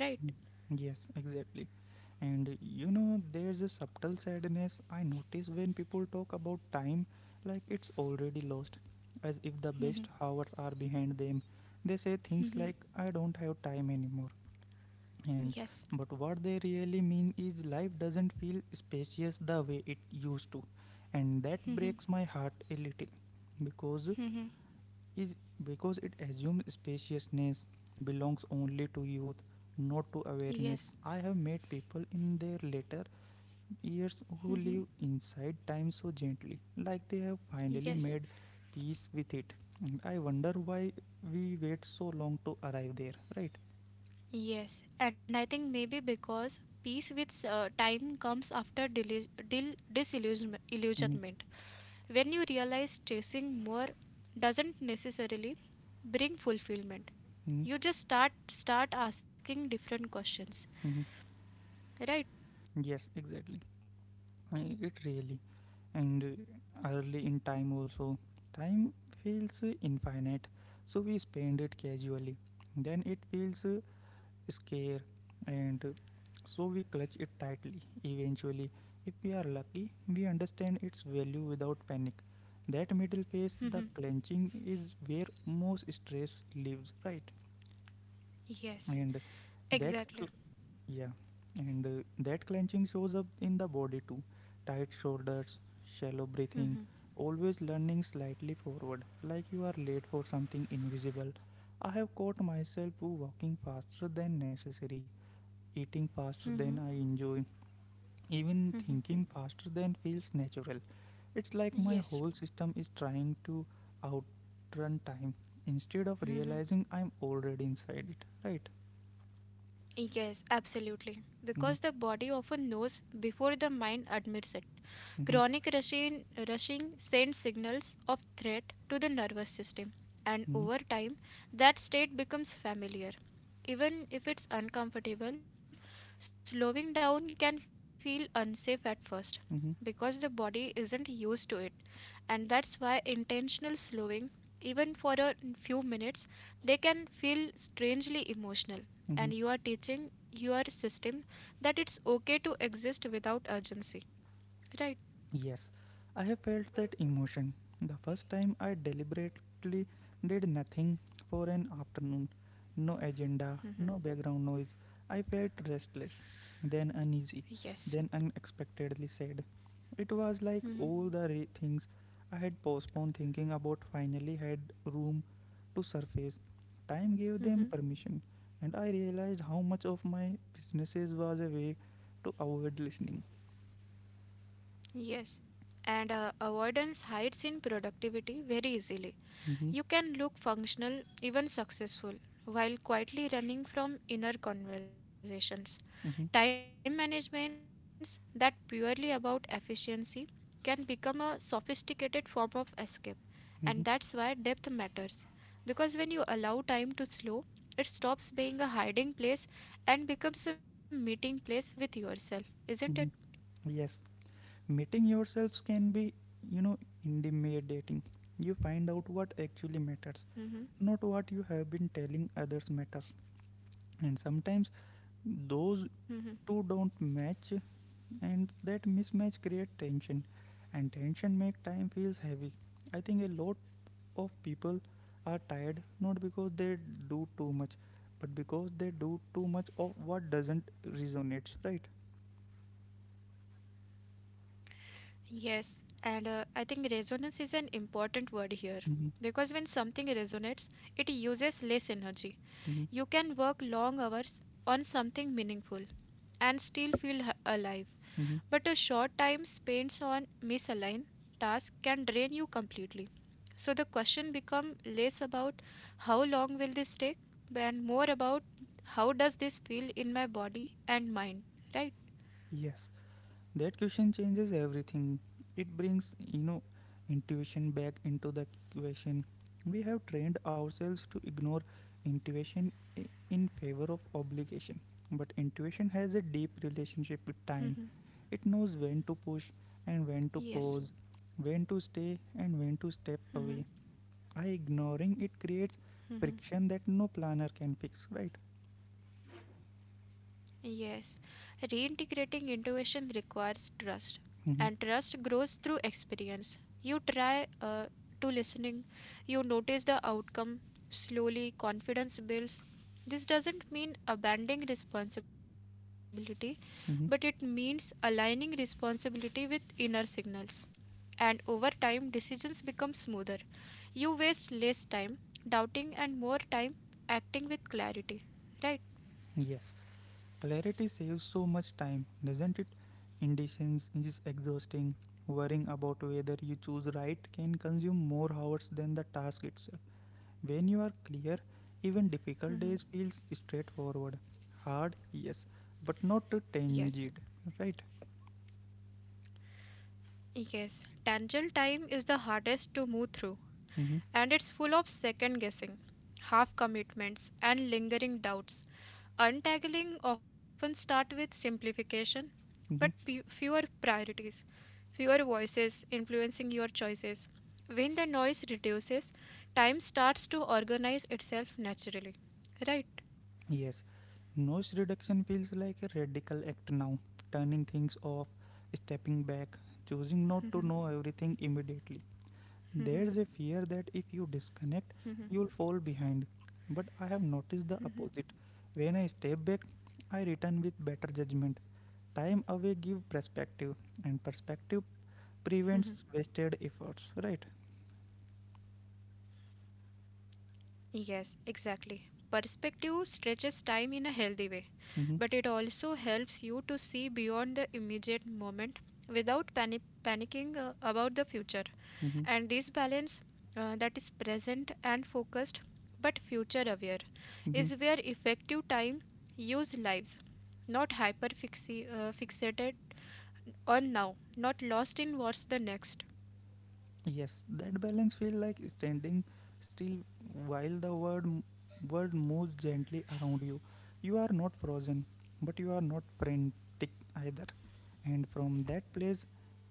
Speaker 2: right?
Speaker 1: Yes, exactly. And there's a subtle sadness I notice when people talk about time like it's already lost, as if the best hours are behind them. They say things like, I don't have time anymore. And
Speaker 2: Yes,
Speaker 1: But what they really mean is life doesn't feel spacious the way it used to, and that breaks my heart a little, because is because it assumes spaciousness belongs only to youth, not to awareness.
Speaker 2: yes.
Speaker 1: I have met people in their later years who
Speaker 2: Hmm.
Speaker 1: live inside time so gently, like they have finally
Speaker 2: Yes.
Speaker 1: made peace with it. And I wonder why we wait so long to arrive there, right?
Speaker 2: Yes, and I think maybe because peace with time comes after
Speaker 1: Mm-hmm.
Speaker 2: disillusionment, when you realize chasing more doesn't necessarily bring fulfillment.
Speaker 1: Mm-hmm.
Speaker 2: You just start asking different questions,
Speaker 1: Mm-hmm.
Speaker 2: right?
Speaker 1: Yes, exactly. I- it really And early in time also, time feels infinite, so we spend it casually. Then it feels scarce, and so we clutch it tightly. Eventually, if we are lucky, we understand its value without panic. That middle phase, the clenching, is where most stress lives, right?
Speaker 2: Yes,
Speaker 1: and that cl-
Speaker 2: exactly.
Speaker 1: yeah, and that clenching shows up in the body too: tight shoulders, shallow breathing,
Speaker 2: Mm-hmm.
Speaker 1: always leaning slightly forward like you are late for something invisible. I have caught myself walking faster than necessary, eating faster
Speaker 2: Hmm.
Speaker 1: than I enjoy, even thinking faster than feels natural. It's like my whole
Speaker 2: Yes.
Speaker 1: system is trying to outrun time instead of realizing
Speaker 2: Hmm.
Speaker 1: I'm already inside it, right?
Speaker 2: Yes, absolutely.
Speaker 1: Mm-hmm.
Speaker 2: Because the body often knows before the mind admits it.
Speaker 1: Mm-hmm.
Speaker 2: Chronic rushing sends signals of threat to the nervous system, and
Speaker 1: Mm-hmm.
Speaker 2: over time, that state becomes familiar. Even if it's uncomfortable, slowing down can feel unsafe at first because the
Speaker 1: Mm-hmm.
Speaker 2: body isn't used to it, and that's why intentional slowing, even for a few minutes, they can feel strangely emotional. And
Speaker 1: Mm-hmm.
Speaker 2: you are teaching your system that it's okay to exist without urgency, right?
Speaker 1: Yes, I have felt that emotion. The first time I deliberately did nothing for an afternoon. No agenda, no
Speaker 2: Hmm.
Speaker 1: background noise. I felt restless, then uneasy, then
Speaker 2: Yes.
Speaker 1: unexpectedly sad. It was like all
Speaker 2: Hmm.
Speaker 1: the things I had postponed thinking about finally had room to surface. Time gave them
Speaker 2: Hmm.
Speaker 1: permission, and I realized how much of my businesses was a way to avoid listening.
Speaker 2: Yes. And avoidance hides in productivity very easily.
Speaker 1: Hmm,
Speaker 2: You can look functional, even successful, while quietly running from inner conversations. Time managements that purely about efficiency can become a sophisticated form of escape, and that's
Speaker 1: hmm.
Speaker 2: why depth matters. Because when you allow time to slow, it stops being a hiding place and becomes a meeting place with yourself, isn't it?
Speaker 1: Mhm. Yes, meeting yourselves can be, you know, intimidating. You find out what actually matters,
Speaker 2: Hmm.
Speaker 1: not what you have been telling others matters. And sometimes those two don't match, and that mismatch create tension, and tension make time feels heavy. I think a lot of people are tired not because they do too much, but because they do too much of what doesn't resonate. Right?
Speaker 2: Yes, and I think resonance is an important word here because when
Speaker 1: Mm-hmm.
Speaker 2: something resonates, it uses less energy. You can
Speaker 1: Mm-hmm.
Speaker 2: work long hours on something meaningful and still feel alive, but a
Speaker 1: Mm-hmm.
Speaker 2: short time spent on misaligned task can drain you completely. So the question become less about how long will this take and more about how does this feel in my body and mind, right?
Speaker 1: Yes. That question changes everything. It brings intuition back into the equation. We have trained ourselves to ignore intuition in favor of obligation. But intuition has a deep relationship
Speaker 2: Mhm.
Speaker 1: with time. It knows when to push and
Speaker 2: Yes.
Speaker 1: when to pause, when to stay and when to step
Speaker 2: Mhm.
Speaker 1: away. I Ignoring it creates friction that no planner can fix, right?
Speaker 2: Yes, reintegrating intuition requires trust,
Speaker 1: Mm-hmm.
Speaker 2: and trust grows through experience. You try to listening, you notice the outcome. Slowly, confidence builds. This doesn't mean abandoning responsibility,
Speaker 1: Mm-hmm.
Speaker 2: but it means aligning responsibility with inner signals. And over time, decisions become smoother. You waste less time doubting and more time acting with clarity. Right?
Speaker 1: Yes. Clarity saves so much time, doesn't it? Indecisions is exhausting. Worrying about whether you choose right can consume more hours than the task itself. When you are clear, even difficult days feels straightforward. Hard, yes, but not too
Speaker 2: Yes.
Speaker 1: tangid, right?
Speaker 2: Yes, tangible time is the hardest to move through,
Speaker 1: Mm-hmm.
Speaker 2: and it's full of second guessing, half commitments, and lingering doubts. Untangling often start with simplification, but
Speaker 1: Mm-hmm.
Speaker 2: fewer priorities, fewer voices influencing your choices. When the noise reduces, time starts to organize itself naturally. Right?
Speaker 1: Yes. Noise reduction feels like a radical act now. Turning things off, stepping back, choosing not to know everything immediately. There's a fear that if you disconnect, you'll fall behind. But I have noticed the opposite. When I step back, I return with better judgment. Time away gives perspective, and perspective prevents wasted efforts. Right?
Speaker 2: Yes, exactly. Perspective stretches time in a healthy way,
Speaker 1: Mm-hmm.
Speaker 2: but it also helps you to see beyond the immediate moment without panicking about the future.
Speaker 1: Mm-hmm.
Speaker 2: And this balance that is present and focused but future aware
Speaker 1: Mm-hmm.
Speaker 2: is where effective time use lives, not hyper fixi fixated on now, not lost in what's the next.
Speaker 1: Yes, that balance feels like standing still while the world moves gently around you. You are not frozen, but you are not frantic either. And from that place,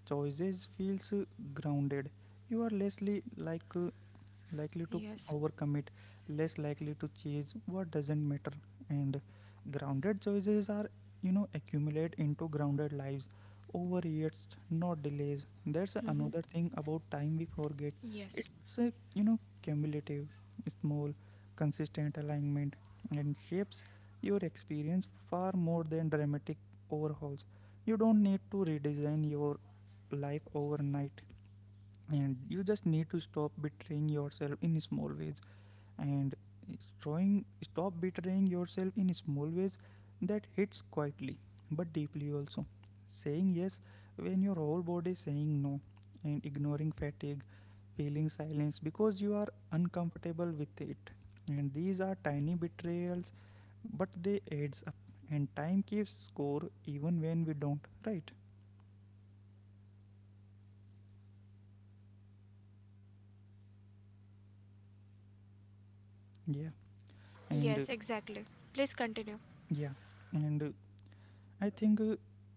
Speaker 1: choices feels grounded. You are lessly like likely to
Speaker 2: Yes.
Speaker 1: overcommit, less likely to chase what doesn't matter. And grounded choices are accumulate into grounded lives over years, not delays. That's another
Speaker 2: Hmm.
Speaker 1: thing about time we forget.
Speaker 2: Yes.
Speaker 1: It's a cumulative, small, consistent alignment, and shapes your experience far more than dramatic overhauls. You don't need to redesign your life overnight, and you just need to stop betraying yourself in small ways. And showing stop betraying yourself in small ways, that hits quietly but deeply. Also saying yes when your whole body is saying no, and ignoring fatigue, feeling silence because you are uncomfortable with it. And these are tiny betrayals, but they adds up, and time keeps score even when we don't, right? Yeah. and
Speaker 2: Yes, exactly. Please continue.
Speaker 1: Yeah. and I think,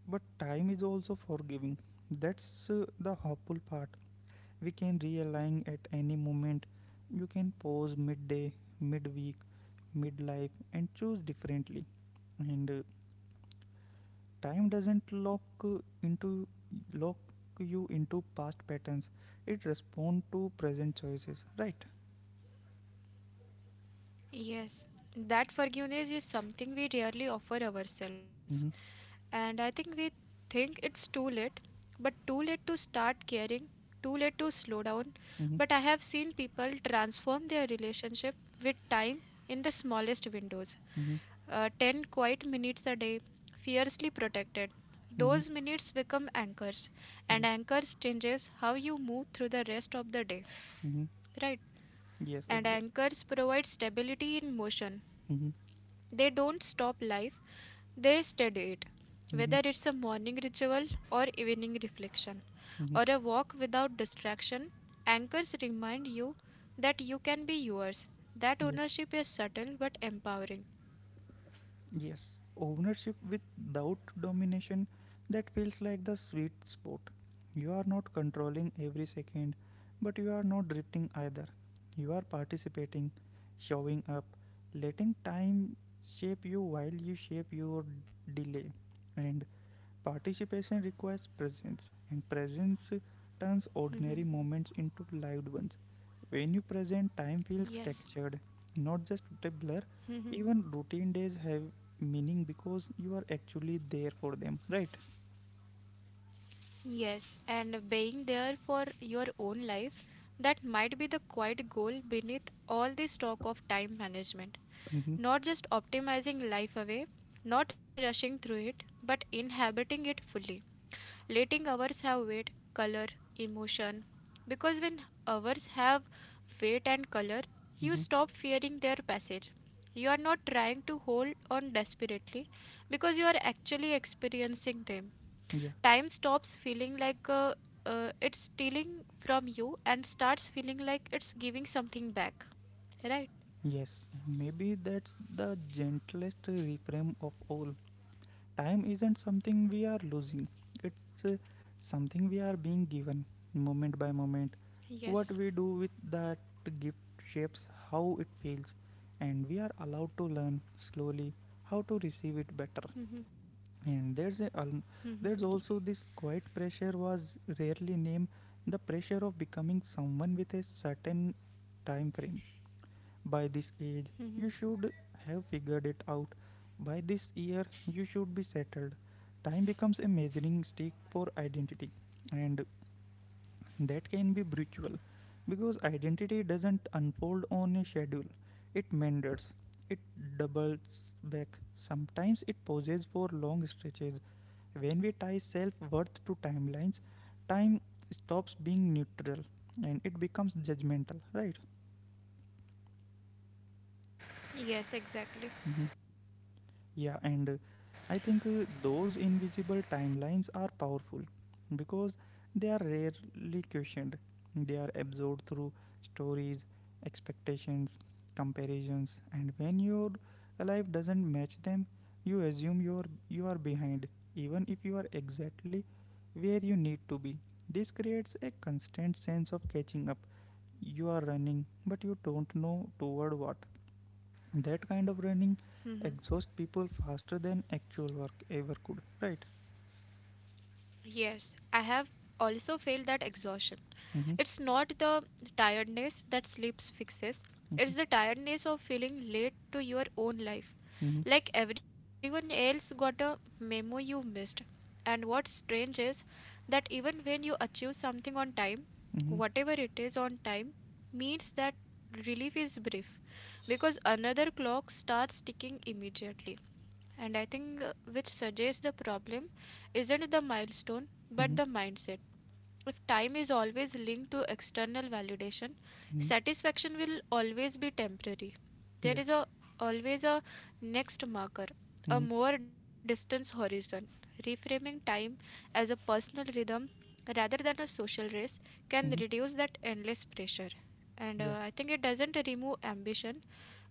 Speaker 1: but time is also forgiving. That's the hopeful part. We can realign at any moment. You can pause midday, midweek, midlife, and choose differently. And Time doesn't lock you into past patterns. It responds to present choices. Right.
Speaker 2: Yes, that forgiveness is something we rarely offer ourselves.
Speaker 1: Mm-hmm.
Speaker 2: And I think we think it's too late, but too late to start caring, too late to slow down.
Speaker 1: Mm-hmm.
Speaker 2: But I have seen people transform their relationship with time in the smallest windows.
Speaker 1: Mm-hmm.
Speaker 2: 10 quiet minutes a day, fiercely protected.
Speaker 1: Mm-hmm.
Speaker 2: Those minutes become anchors,
Speaker 1: Yeah.
Speaker 2: and anchors changes how you move through the rest of the day.
Speaker 1: Mm-hmm.
Speaker 2: Right.
Speaker 1: Yes.
Speaker 2: And
Speaker 1: Exactly.
Speaker 2: anchors provide stability in motion.
Speaker 1: Mm-hmm.
Speaker 2: They don't stop life, they study it.
Speaker 1: Mm-hmm.
Speaker 2: Whether it's a morning ritual or evening reflection or a
Speaker 1: Mm-hmm.
Speaker 2: walk without distraction, anchors remind you that you can be yours. That
Speaker 1: Yeah.
Speaker 2: ownership is subtle but empowering.
Speaker 1: Yes, ownership without domination, that feels like the sweet spot. You are not controlling every second, but you are not drifting either. You are participating, showing up, letting time shape you while you shape your delay. And participation requires presence, and presence turns
Speaker 2: Mhm.
Speaker 1: ordinary moments into lived ones. When you present, time feels
Speaker 2: Yes.
Speaker 1: textured, not just a blur. Even routine days have meaning because you are actually there for them, right?
Speaker 2: Yes, and being there for your own life, that might be the quiet goal beneath all this talk of time management.
Speaker 1: Mm-hmm.
Speaker 2: Not just optimizing life away, not rushing through it, but inhabiting it fully, letting ours have weight, color, emotion. Because when ours have weight and color, you
Speaker 1: Mm-hmm.
Speaker 2: stop fearing their passage. You are not trying to hold on desperately because you are actually experiencing them.
Speaker 1: Yeah.
Speaker 2: Time stops feeling like it's stealing from you and starts feeling like it's giving something back, right?
Speaker 1: Yes. And maybe that's the gentlest reframe of all. Time isn't something we are losing, it's something we are being given, moment by moment. What
Speaker 2: Yes.
Speaker 1: we do with that gift shapes how it feels, and we are allowed to learn slowly how to receive it better. And there's also this quiet pressure was rarely named. The pressure of becoming someone with a certain time frame: by this age you should have figured it out, by this year you should be settled. Time becomes a measuring stick for identity, and that can be brutal because identity doesn't unfold on a schedule. It meanders, it doubles back. Sometimes it pauses for long stretches. When we tie self worth to timelines, time stops being neutral, and it becomes judgmental, right?
Speaker 2: Yes, exactly.
Speaker 1: Yeah, and I think those invisible timelines are powerful because they are rarely questioned. They are absorbed through stories, expectations, comparisons, and when your life doesn't match them, you assume you are behind, even if you are exactly where you need to be. This creates a constant sense of catching up. You are running, but you don't know toward what. That kind of running
Speaker 2: Hmm.
Speaker 1: exhausts people faster than actual work ever could, right?
Speaker 2: Yes, I have also felt that exhaustion.
Speaker 1: Mm-hmm.
Speaker 2: It's not the tiredness that sleep fixes, it's
Speaker 1: Mm-hmm.
Speaker 2: the tiredness of feeling late to your own life.
Speaker 1: Mm-hmm.
Speaker 2: Like everyone else got a memo you missed. And what's strange is that even when you achieve something on time,
Speaker 1: Mm-hmm.
Speaker 2: whatever it is on time, means that relief is brief because another clock starts ticking immediately. And I think which suggests the problem isn't the milestone but
Speaker 1: Mm-hmm.
Speaker 2: the mindset. If time is always linked to external validation,
Speaker 1: Mm-hmm.
Speaker 2: satisfaction will always be temporary. There
Speaker 1: Yeah.
Speaker 2: is always a next marker, a
Speaker 1: Mm-hmm.
Speaker 2: more distant horizon. Reframing time as a personal rhythm rather than a social race can
Speaker 1: Mm-hmm.
Speaker 2: reduce that endless pressure. And
Speaker 1: Yeah.
Speaker 2: uh, I think it doesn't remove ambition,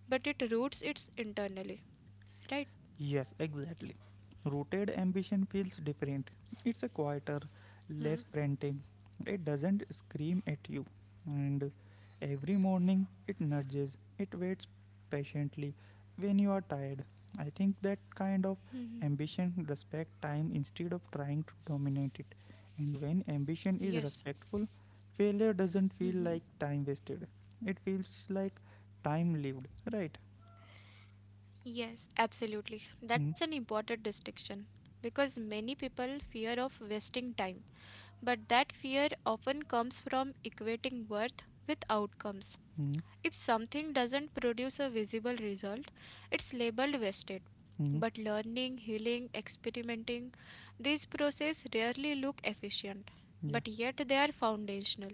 Speaker 2: but it roots it internally. Right?
Speaker 1: Yes, exactly. Rooted ambition feels different. It's a quieter, less
Speaker 2: Hmm.
Speaker 1: frantic. It doesn't scream at you. And every morning it nudges, it waits patiently when you are tired. I think that kind of
Speaker 2: Mhm.
Speaker 1: ambition respect time instead of trying to dominate it. And when ambition is
Speaker 2: Yes.
Speaker 1: respectful, failure doesn't feel like time wasted. It feels like time lived, right?
Speaker 2: Yes, absolutely.
Speaker 1: Mm-hmm.
Speaker 2: That's an important distinction because many people fear of wasting time, but that fear often comes from equating worth with outcomes. If something doesn't produce a visible result, it's labeled wasted.
Speaker 1: Mm-hmm.
Speaker 2: But learning, healing, experimenting, these processes rarely look efficient,
Speaker 1: Yeah.
Speaker 2: but yet they are foundational.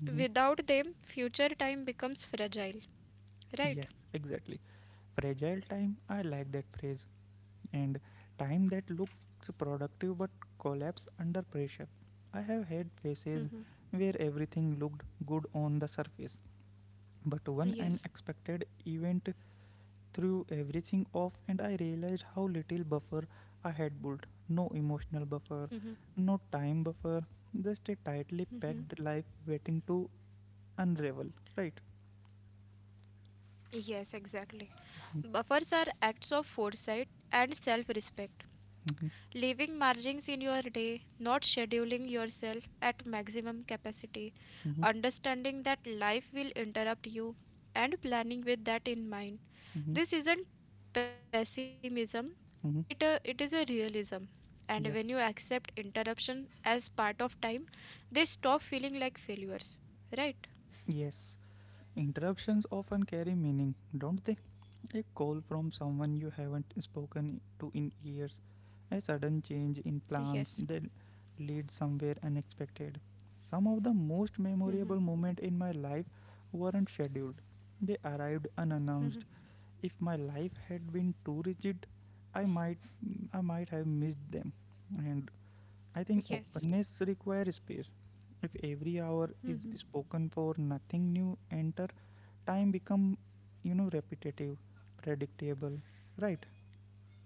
Speaker 1: Mhm.
Speaker 2: Without them, future time becomes fragile, right?
Speaker 1: Yes, exactly. Fragile time, I like that phrase. And time that looks productive but collapse under pressure. I have had phases where everything looked good on the surface, but one
Speaker 2: Yes.
Speaker 1: unexpected event threw everything off, and I realized how little buffer I had built. No emotional buffer, no time buffer, just a tightly packed life waiting to unravel, right?
Speaker 2: Yes, exactly.
Speaker 1: Mhm,
Speaker 2: Buffers are acts of foresight and self respect.
Speaker 1: mhm,
Speaker 2: Leaving margins in your day, not scheduling yourself at maximum capacity,
Speaker 1: mhm,
Speaker 2: understanding that life will interrupt you, and planning with that in mind.
Speaker 1: mhm,
Speaker 2: This isn't pessimism, it is
Speaker 1: mhm.
Speaker 2: a realism. And when you accept
Speaker 1: Yeah.
Speaker 2: interruption as part of time, they stop feeling like failures. Right?
Speaker 1: Yes, interruptions often carry meaning, don't they? A call from someone you haven't spoken to in years, a sudden change in
Speaker 2: Yes.
Speaker 1: plans that lead somewhere unexpected. Some of the most
Speaker 2: Mhm.
Speaker 1: memorable moments in my life weren't scheduled. They arrived unannounced. If my life had been too rigid, I might I might have missed them. And I think
Speaker 2: Yes.
Speaker 1: openness requires space. If every hour is spoken for nothing new enter, time become repetitive, predictable, right?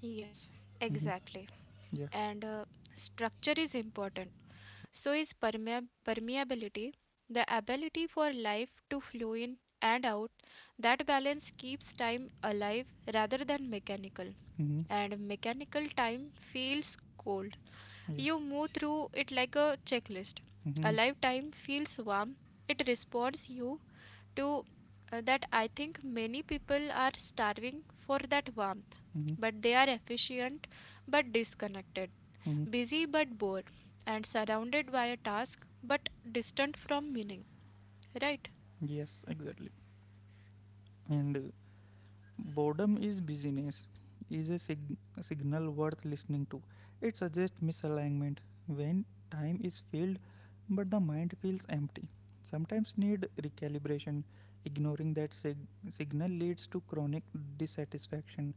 Speaker 2: Yes,
Speaker 1: Mm-hmm.
Speaker 2: exactly.
Speaker 1: Yeah.
Speaker 2: And structure is important. So is permeability, the ability for life to flow in and out. That balance keeps time alive rather than mechanical.
Speaker 1: Mm-hmm.
Speaker 2: And mechanical time feels cold. You
Speaker 1: Yeah.
Speaker 2: move through it like a checklist.
Speaker 1: Mm-hmm.
Speaker 2: Alive time feels warm. It responds you to that I think many people are starving for that warmth,
Speaker 1: Mm-hmm.
Speaker 2: but they are efficient but disconnected,
Speaker 1: Mm-hmm.
Speaker 2: busy but bored, and surrounded by a task but distant from meaning, right?
Speaker 1: Yes, exactly. and Boredom is busyness, is a signal worth listening to. It suggests misalignment when time is filled but the mind feels empty. Sometimes need recalibration. Ignoring that signal leads to chronic dissatisfaction.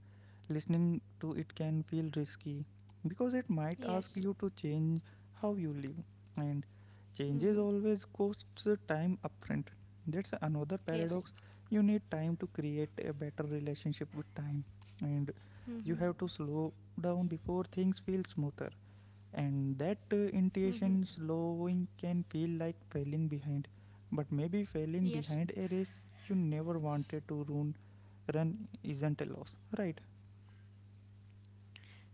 Speaker 1: Listening to it can feel risky because it might ask
Speaker 2: Yes.
Speaker 1: you to change how you live, and changes
Speaker 2: Mm-hmm.
Speaker 1: always costs time upfront. That's another paradox.
Speaker 2: Yes.
Speaker 1: You need time to create a better relationship with time, and you have to slow down before things feel smoother. And that intuition slowing can feel like failing behind, but maybe failing
Speaker 2: Yes.
Speaker 1: behind a race you never wanted to run isn't a loss, right?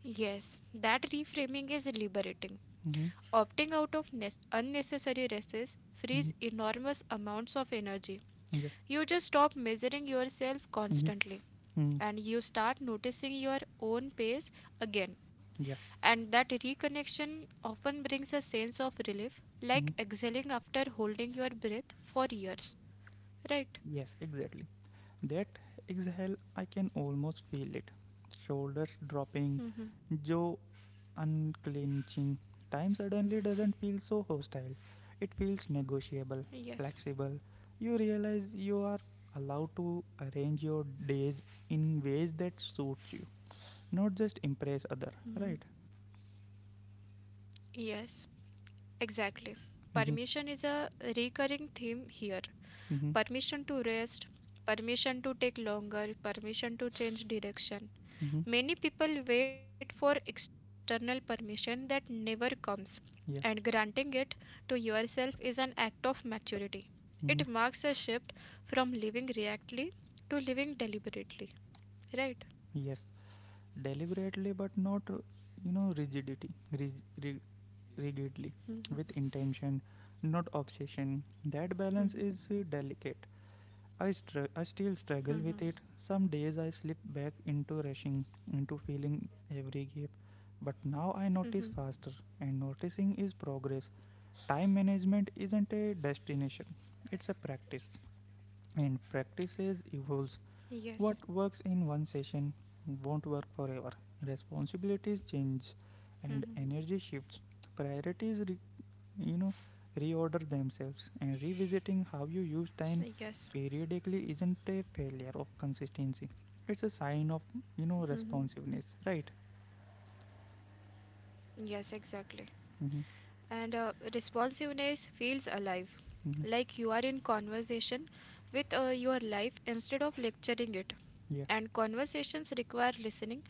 Speaker 2: Yes, that reframing is liberating.
Speaker 1: Mm-hmm.
Speaker 2: Opting out of unnecessary races
Speaker 1: Mm-hmm.
Speaker 2: frees enormous amounts of energy.
Speaker 1: Yeah.
Speaker 2: You just stop measuring yourself
Speaker 1: Mm-hmm.
Speaker 2: constantly,
Speaker 1: Mm.
Speaker 2: and you start noticing your own pace again.
Speaker 1: Yeah.
Speaker 2: And that reconnection often brings a sense of relief, like
Speaker 1: Mm.
Speaker 2: exhaling after holding your breath for years. Right?
Speaker 1: Yes, exactly. That exhale, I can almost feel it. Shoulders dropping,
Speaker 2: Hmm.
Speaker 1: jaw unclenching. Time suddenly doesn't feel so hostile. It feels negotiable,
Speaker 2: Yes.
Speaker 1: flexible. You realize you are allowed to arrange your days in ways that suits you, not just impress other,
Speaker 2: Hmm.
Speaker 1: right?
Speaker 2: Yes. Exactly.
Speaker 1: Mm-hmm.
Speaker 2: Permission is a recurring theme here.
Speaker 1: Mm-hmm.
Speaker 2: Permission to rest, permission to take longer, permission to change direction.
Speaker 1: Mm-hmm.
Speaker 2: Many people wait for external permission that never comes, and
Speaker 1: Yeah.
Speaker 2: granting it to yourself is an act of maturity. It marks
Speaker 1: Mm-hmm.
Speaker 2: a shift from living reactively to living deliberately, right?
Speaker 1: Yes. Deliberately, but not, you know, rigidity, rig- rig- rigidly, with intention, not obsession. That balance is delicate. I still struggle with it. Some days I slip back into rushing, into feeling every gap. But now I notice faster, and noticing is progress. Time management isn't a destination, it's a practice. And practices
Speaker 2: Yes.
Speaker 1: evolves. What works in one session won't work forever. Responsibilities change,
Speaker 2: Hmm.
Speaker 1: and energy shifts. Priorities you know reorder themselves, and revisiting how you use
Speaker 2: Yes.
Speaker 1: time periodically isn't a failure of consistency. It's a sign of
Speaker 2: Hmm.
Speaker 1: responsiveness, right?
Speaker 2: Yes, exactly.
Speaker 1: Mm-hmm.
Speaker 2: And responsiveness feels alive,
Speaker 1: Mm-hmm.
Speaker 2: like you are in conversation with your life instead of lecturing it.
Speaker 1: Yeah.
Speaker 2: And conversations require listening,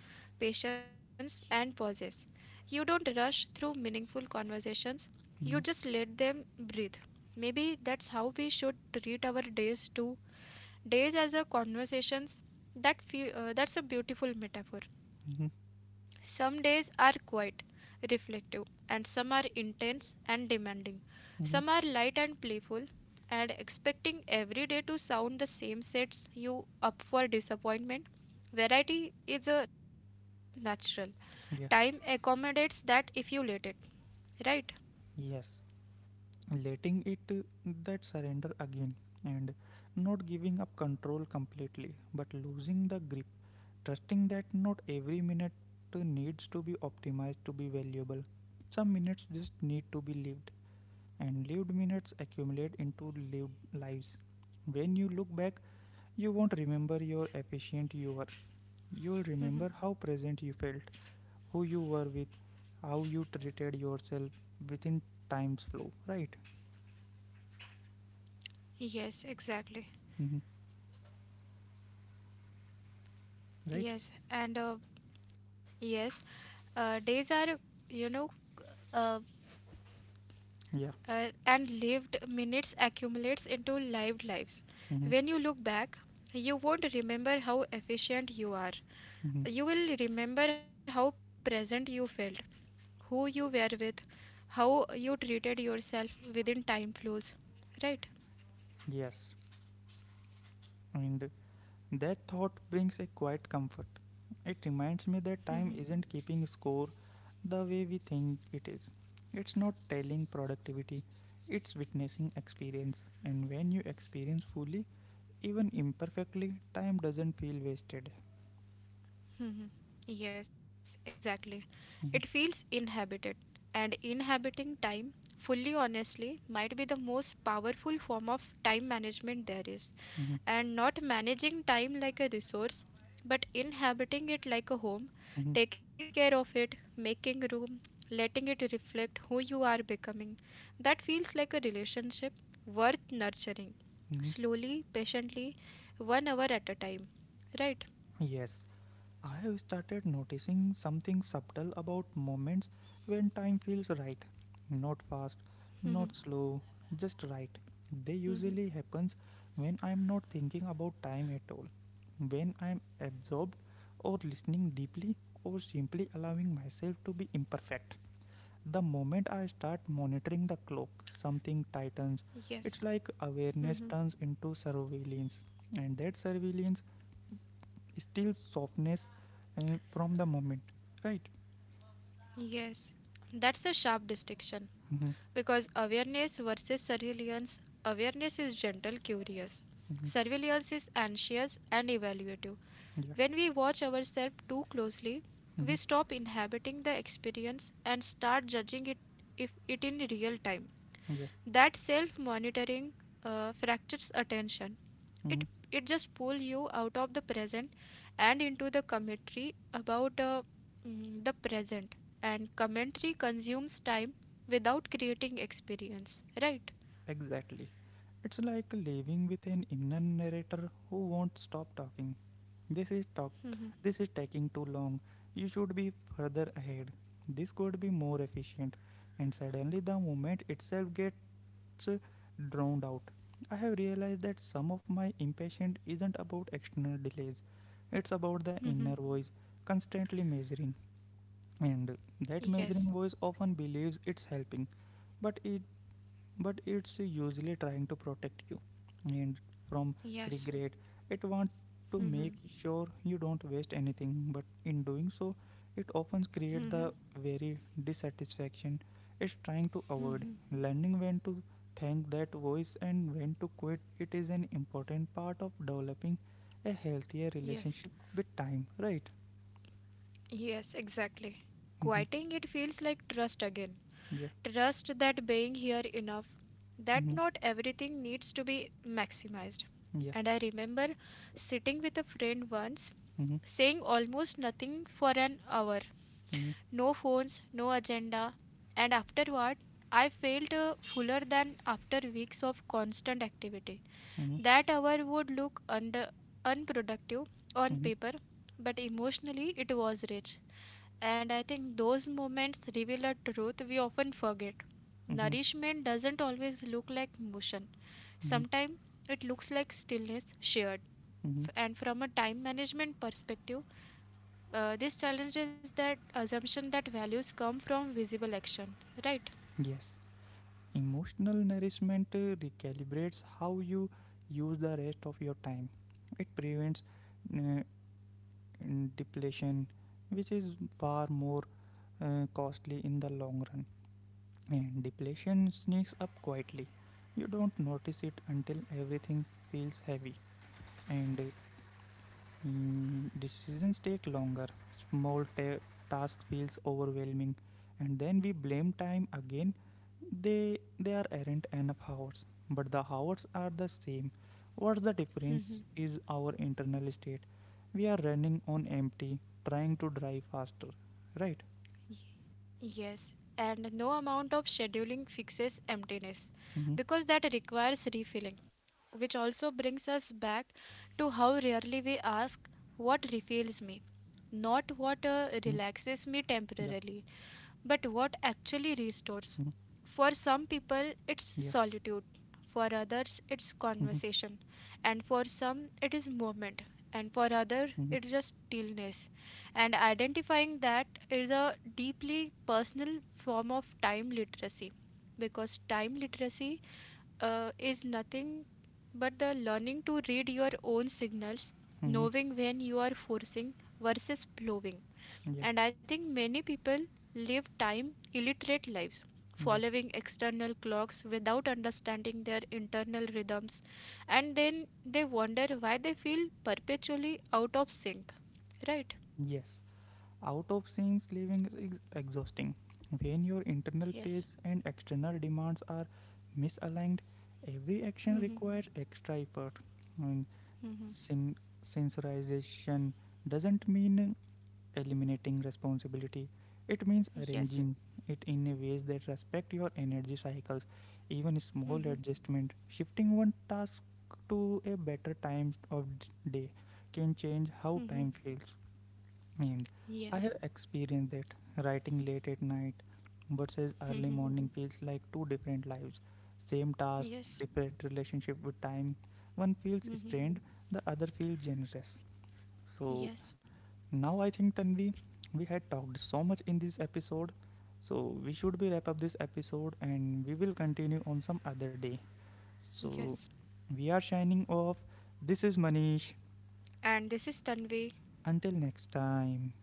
Speaker 2: patience, and pauses. You don't rush through meaningful conversations, you just
Speaker 1: Mm-hmm.
Speaker 2: let them breathe. Maybe that's how we should treat our days too. Days as a conversations. That's a beautiful metaphor.
Speaker 1: Mm-hmm.
Speaker 2: Some days are quiet, reflective, and some are intense and demanding.
Speaker 1: Mm-hmm.
Speaker 2: Some are light and playful, and expecting every day to sound the same sets you up for disappointment. Variety is a natural.
Speaker 1: Yeah.
Speaker 2: Time accommodates that if you let it, right?
Speaker 1: Yes, letting it that surrender again, and not giving up control completely but losing the grip, trusting that not every minute needs to be optimized to be valuable. Some minutes just need to be lived, and lived minutes accumulate into lived lives. When you look back, you won't remember how efficient you were. You'll remember how present
Speaker 2: Hmm.
Speaker 1: you felt, who you were with, how you treated yourself within time's flow, right?
Speaker 2: Yes, exactly.
Speaker 1: Hmm. Right?
Speaker 2: Yes, and yes, days are, you know, uh,
Speaker 1: Yeah.
Speaker 2: and lived minutes accumulates into lived lives.
Speaker 1: Hmm.
Speaker 2: When you look back, you won't remember how efficient you are.
Speaker 1: Hmm.
Speaker 2: You will remember how present you felt, who you were with, how you treated yourself within time flows. Right?
Speaker 1: Yes. And that thought brings a quiet comfort. It reminds me that time isn't
Speaker 2: Mhm.
Speaker 1: keeping score the way we think it is. It's not telling productivity, it's witnessing experience. And when you experience fully, even imperfectly, time doesn't feel wasted.
Speaker 2: Mhm. Yes, exactly.
Speaker 1: Mhm,
Speaker 2: It feels inhabited. And inhabiting time fully honestly might be the most powerful form of time management there is.
Speaker 1: mhm,
Speaker 2: And not managing time like a resource, but inhabiting it like a home,
Speaker 1: mhm,
Speaker 2: taking care of it, making room, letting it reflect who you are becoming. That feels like a relationship worth nurturing,
Speaker 1: mhm.
Speaker 2: slowly, patiently, 1 hour at a time. Right?
Speaker 1: Yes, I have started noticing something subtle about moments when time feels right. Not fast, not slow, just right. They usually happens when I am not thinking about time at all. When I am absorbed or listening deeply or simply allowing myself to be imperfect. The moment I start monitoring the clock, something tightens. It's
Speaker 2: Yes,
Speaker 1: like awareness turns into surveillance, and that surveillance still softness from the moment, right?
Speaker 2: yes. That's a sharp distinction
Speaker 1: Mm-hmm.
Speaker 2: because awareness versus surveillance. Awareness is gentle curious,
Speaker 1: Mm-hmm.
Speaker 2: surveillance is anxious and evaluative.
Speaker 1: Yeah.
Speaker 2: When we watch ourselves too closely, we
Speaker 1: Mm-hmm.
Speaker 2: stop inhabiting the experience and start judging it, if it in real time.
Speaker 1: Yeah.
Speaker 2: That self monitoring fractures attention.
Speaker 1: Mm-hmm.
Speaker 2: It, it just pulls you out of the present and into the commentary about the present. And commentary consumes time without creating experience, right?
Speaker 1: Exactly. It's like living with an inner narrator who won't stop talking. This is talk. This is taking too long. You should be further ahead. This could be more efficient. And suddenly, the moment itself gets drowned out. I have realized that some of my impatience isn't about external delays, it's about the inner voice constantly measuring. And that
Speaker 2: Yes,
Speaker 1: measuring voice often believes it's helping, but it but it's usually trying to protect you and from
Speaker 2: yes.
Speaker 1: regret. It wants to make sure you don't waste anything, but in doing so it often creates
Speaker 2: Hmm.
Speaker 1: the very dissatisfaction it's trying to avoid. Learning when to thank that voice and when to quit it is an important part of developing a healthier
Speaker 2: Yes.
Speaker 1: relationship with time, right?
Speaker 2: Yes, exactly.
Speaker 1: Mm-hmm.
Speaker 2: Quieting it feels like trust again.
Speaker 1: Yeah.
Speaker 2: Trust that being here enough, that
Speaker 1: Mm-hmm.
Speaker 2: not everything needs to be maximized.
Speaker 1: Yeah.
Speaker 2: And I remember sitting with a friend once,
Speaker 1: Mm-hmm.
Speaker 2: saying almost nothing for an hour.
Speaker 1: Mm-hmm.
Speaker 2: No phones, no agenda. And afterward, I felt fuller than after weeks of constant activity.
Speaker 1: Mm-hmm.
Speaker 2: That hour would look unproductive on
Speaker 1: Mm-hmm.
Speaker 2: paper, but emotionally it was rich. And I think those moments reveal a truth we often forget.
Speaker 1: Mm-hmm.
Speaker 2: Nourishment doesn't always look like motion.
Speaker 1: Mm-hmm.
Speaker 2: Sometimes it looks like stillness shared.
Speaker 1: Mm-hmm.
Speaker 2: And from a time management perspective, this challenges that assumption that values come from visible action, right?
Speaker 1: Yes. Emotional nourishment recalibrates how you use the rest of your time. It prevents uh, depletion, which is far more costly in the long run. And depletion sneaks up quietly. You don't notice it until everything feels heavy, and decisions take longer. Small task feels overwhelming, and then we blame time again. They are aren't enough hours, but the hours are the same. What's the difference is our internal state. We are running on empty, trying to drive faster, right?
Speaker 2: Y- Yes, and no amount of scheduling fixes emptiness
Speaker 1: Mm-hmm.
Speaker 2: because that requires refilling,
Speaker 1: Yeah.
Speaker 2: which also brings us back to how rarely we ask what refills me. Not
Speaker 1: Mm-hmm.
Speaker 2: what
Speaker 1: Yeah.
Speaker 2: relaxes me temporarily, but what actually
Speaker 1: Mm-hmm.
Speaker 2: restores. For some people,
Speaker 1: Yeah.
Speaker 2: it's solitude. For others, it's
Speaker 1: Mm-hmm.
Speaker 2: conversation. And for some, it is movement. And for others,
Speaker 1: Mm-hmm.
Speaker 2: it's just stillness. And identifying that is a deeply personal form of time literacy because time literacy is nothing but the learning to read your own signals,
Speaker 1: Mm-hmm.
Speaker 2: knowing when you are forcing versus flowing.
Speaker 1: Yeah.
Speaker 2: And I think many people live time illiterate lives,
Speaker 1: Yeah.
Speaker 2: following external clocks without understanding their internal rhythms, and then they wonder why they feel perpetually out of sync. Right?
Speaker 1: Yes. Out of sync living is exhausting. When your
Speaker 2: Yes,
Speaker 1: internal pace and external demands are misaligned, every action requires extra effort. And Sin sensorization doesn't mean eliminating responsibility. It means
Speaker 2: yes,
Speaker 1: arranging it in a ways that respect your energy cycles. Even small adjustment, shifting one task to a better time of day, can change how time feels. And I
Speaker 2: yes,
Speaker 1: have experienced that writing late at night versus early morning feels like two different lives. Same task,
Speaker 2: yes.
Speaker 1: different relationship with time. One feels
Speaker 2: Hmm.
Speaker 1: strained, the other feels generous. So
Speaker 2: Yes,
Speaker 1: now I think Tanvi, we had talked so much in this episode. So we should be wrap up this episode, and we will continue on some other day. So
Speaker 2: yes.
Speaker 1: we are shining off. This is Manish.
Speaker 2: And this is Tanvi
Speaker 1: Until next time.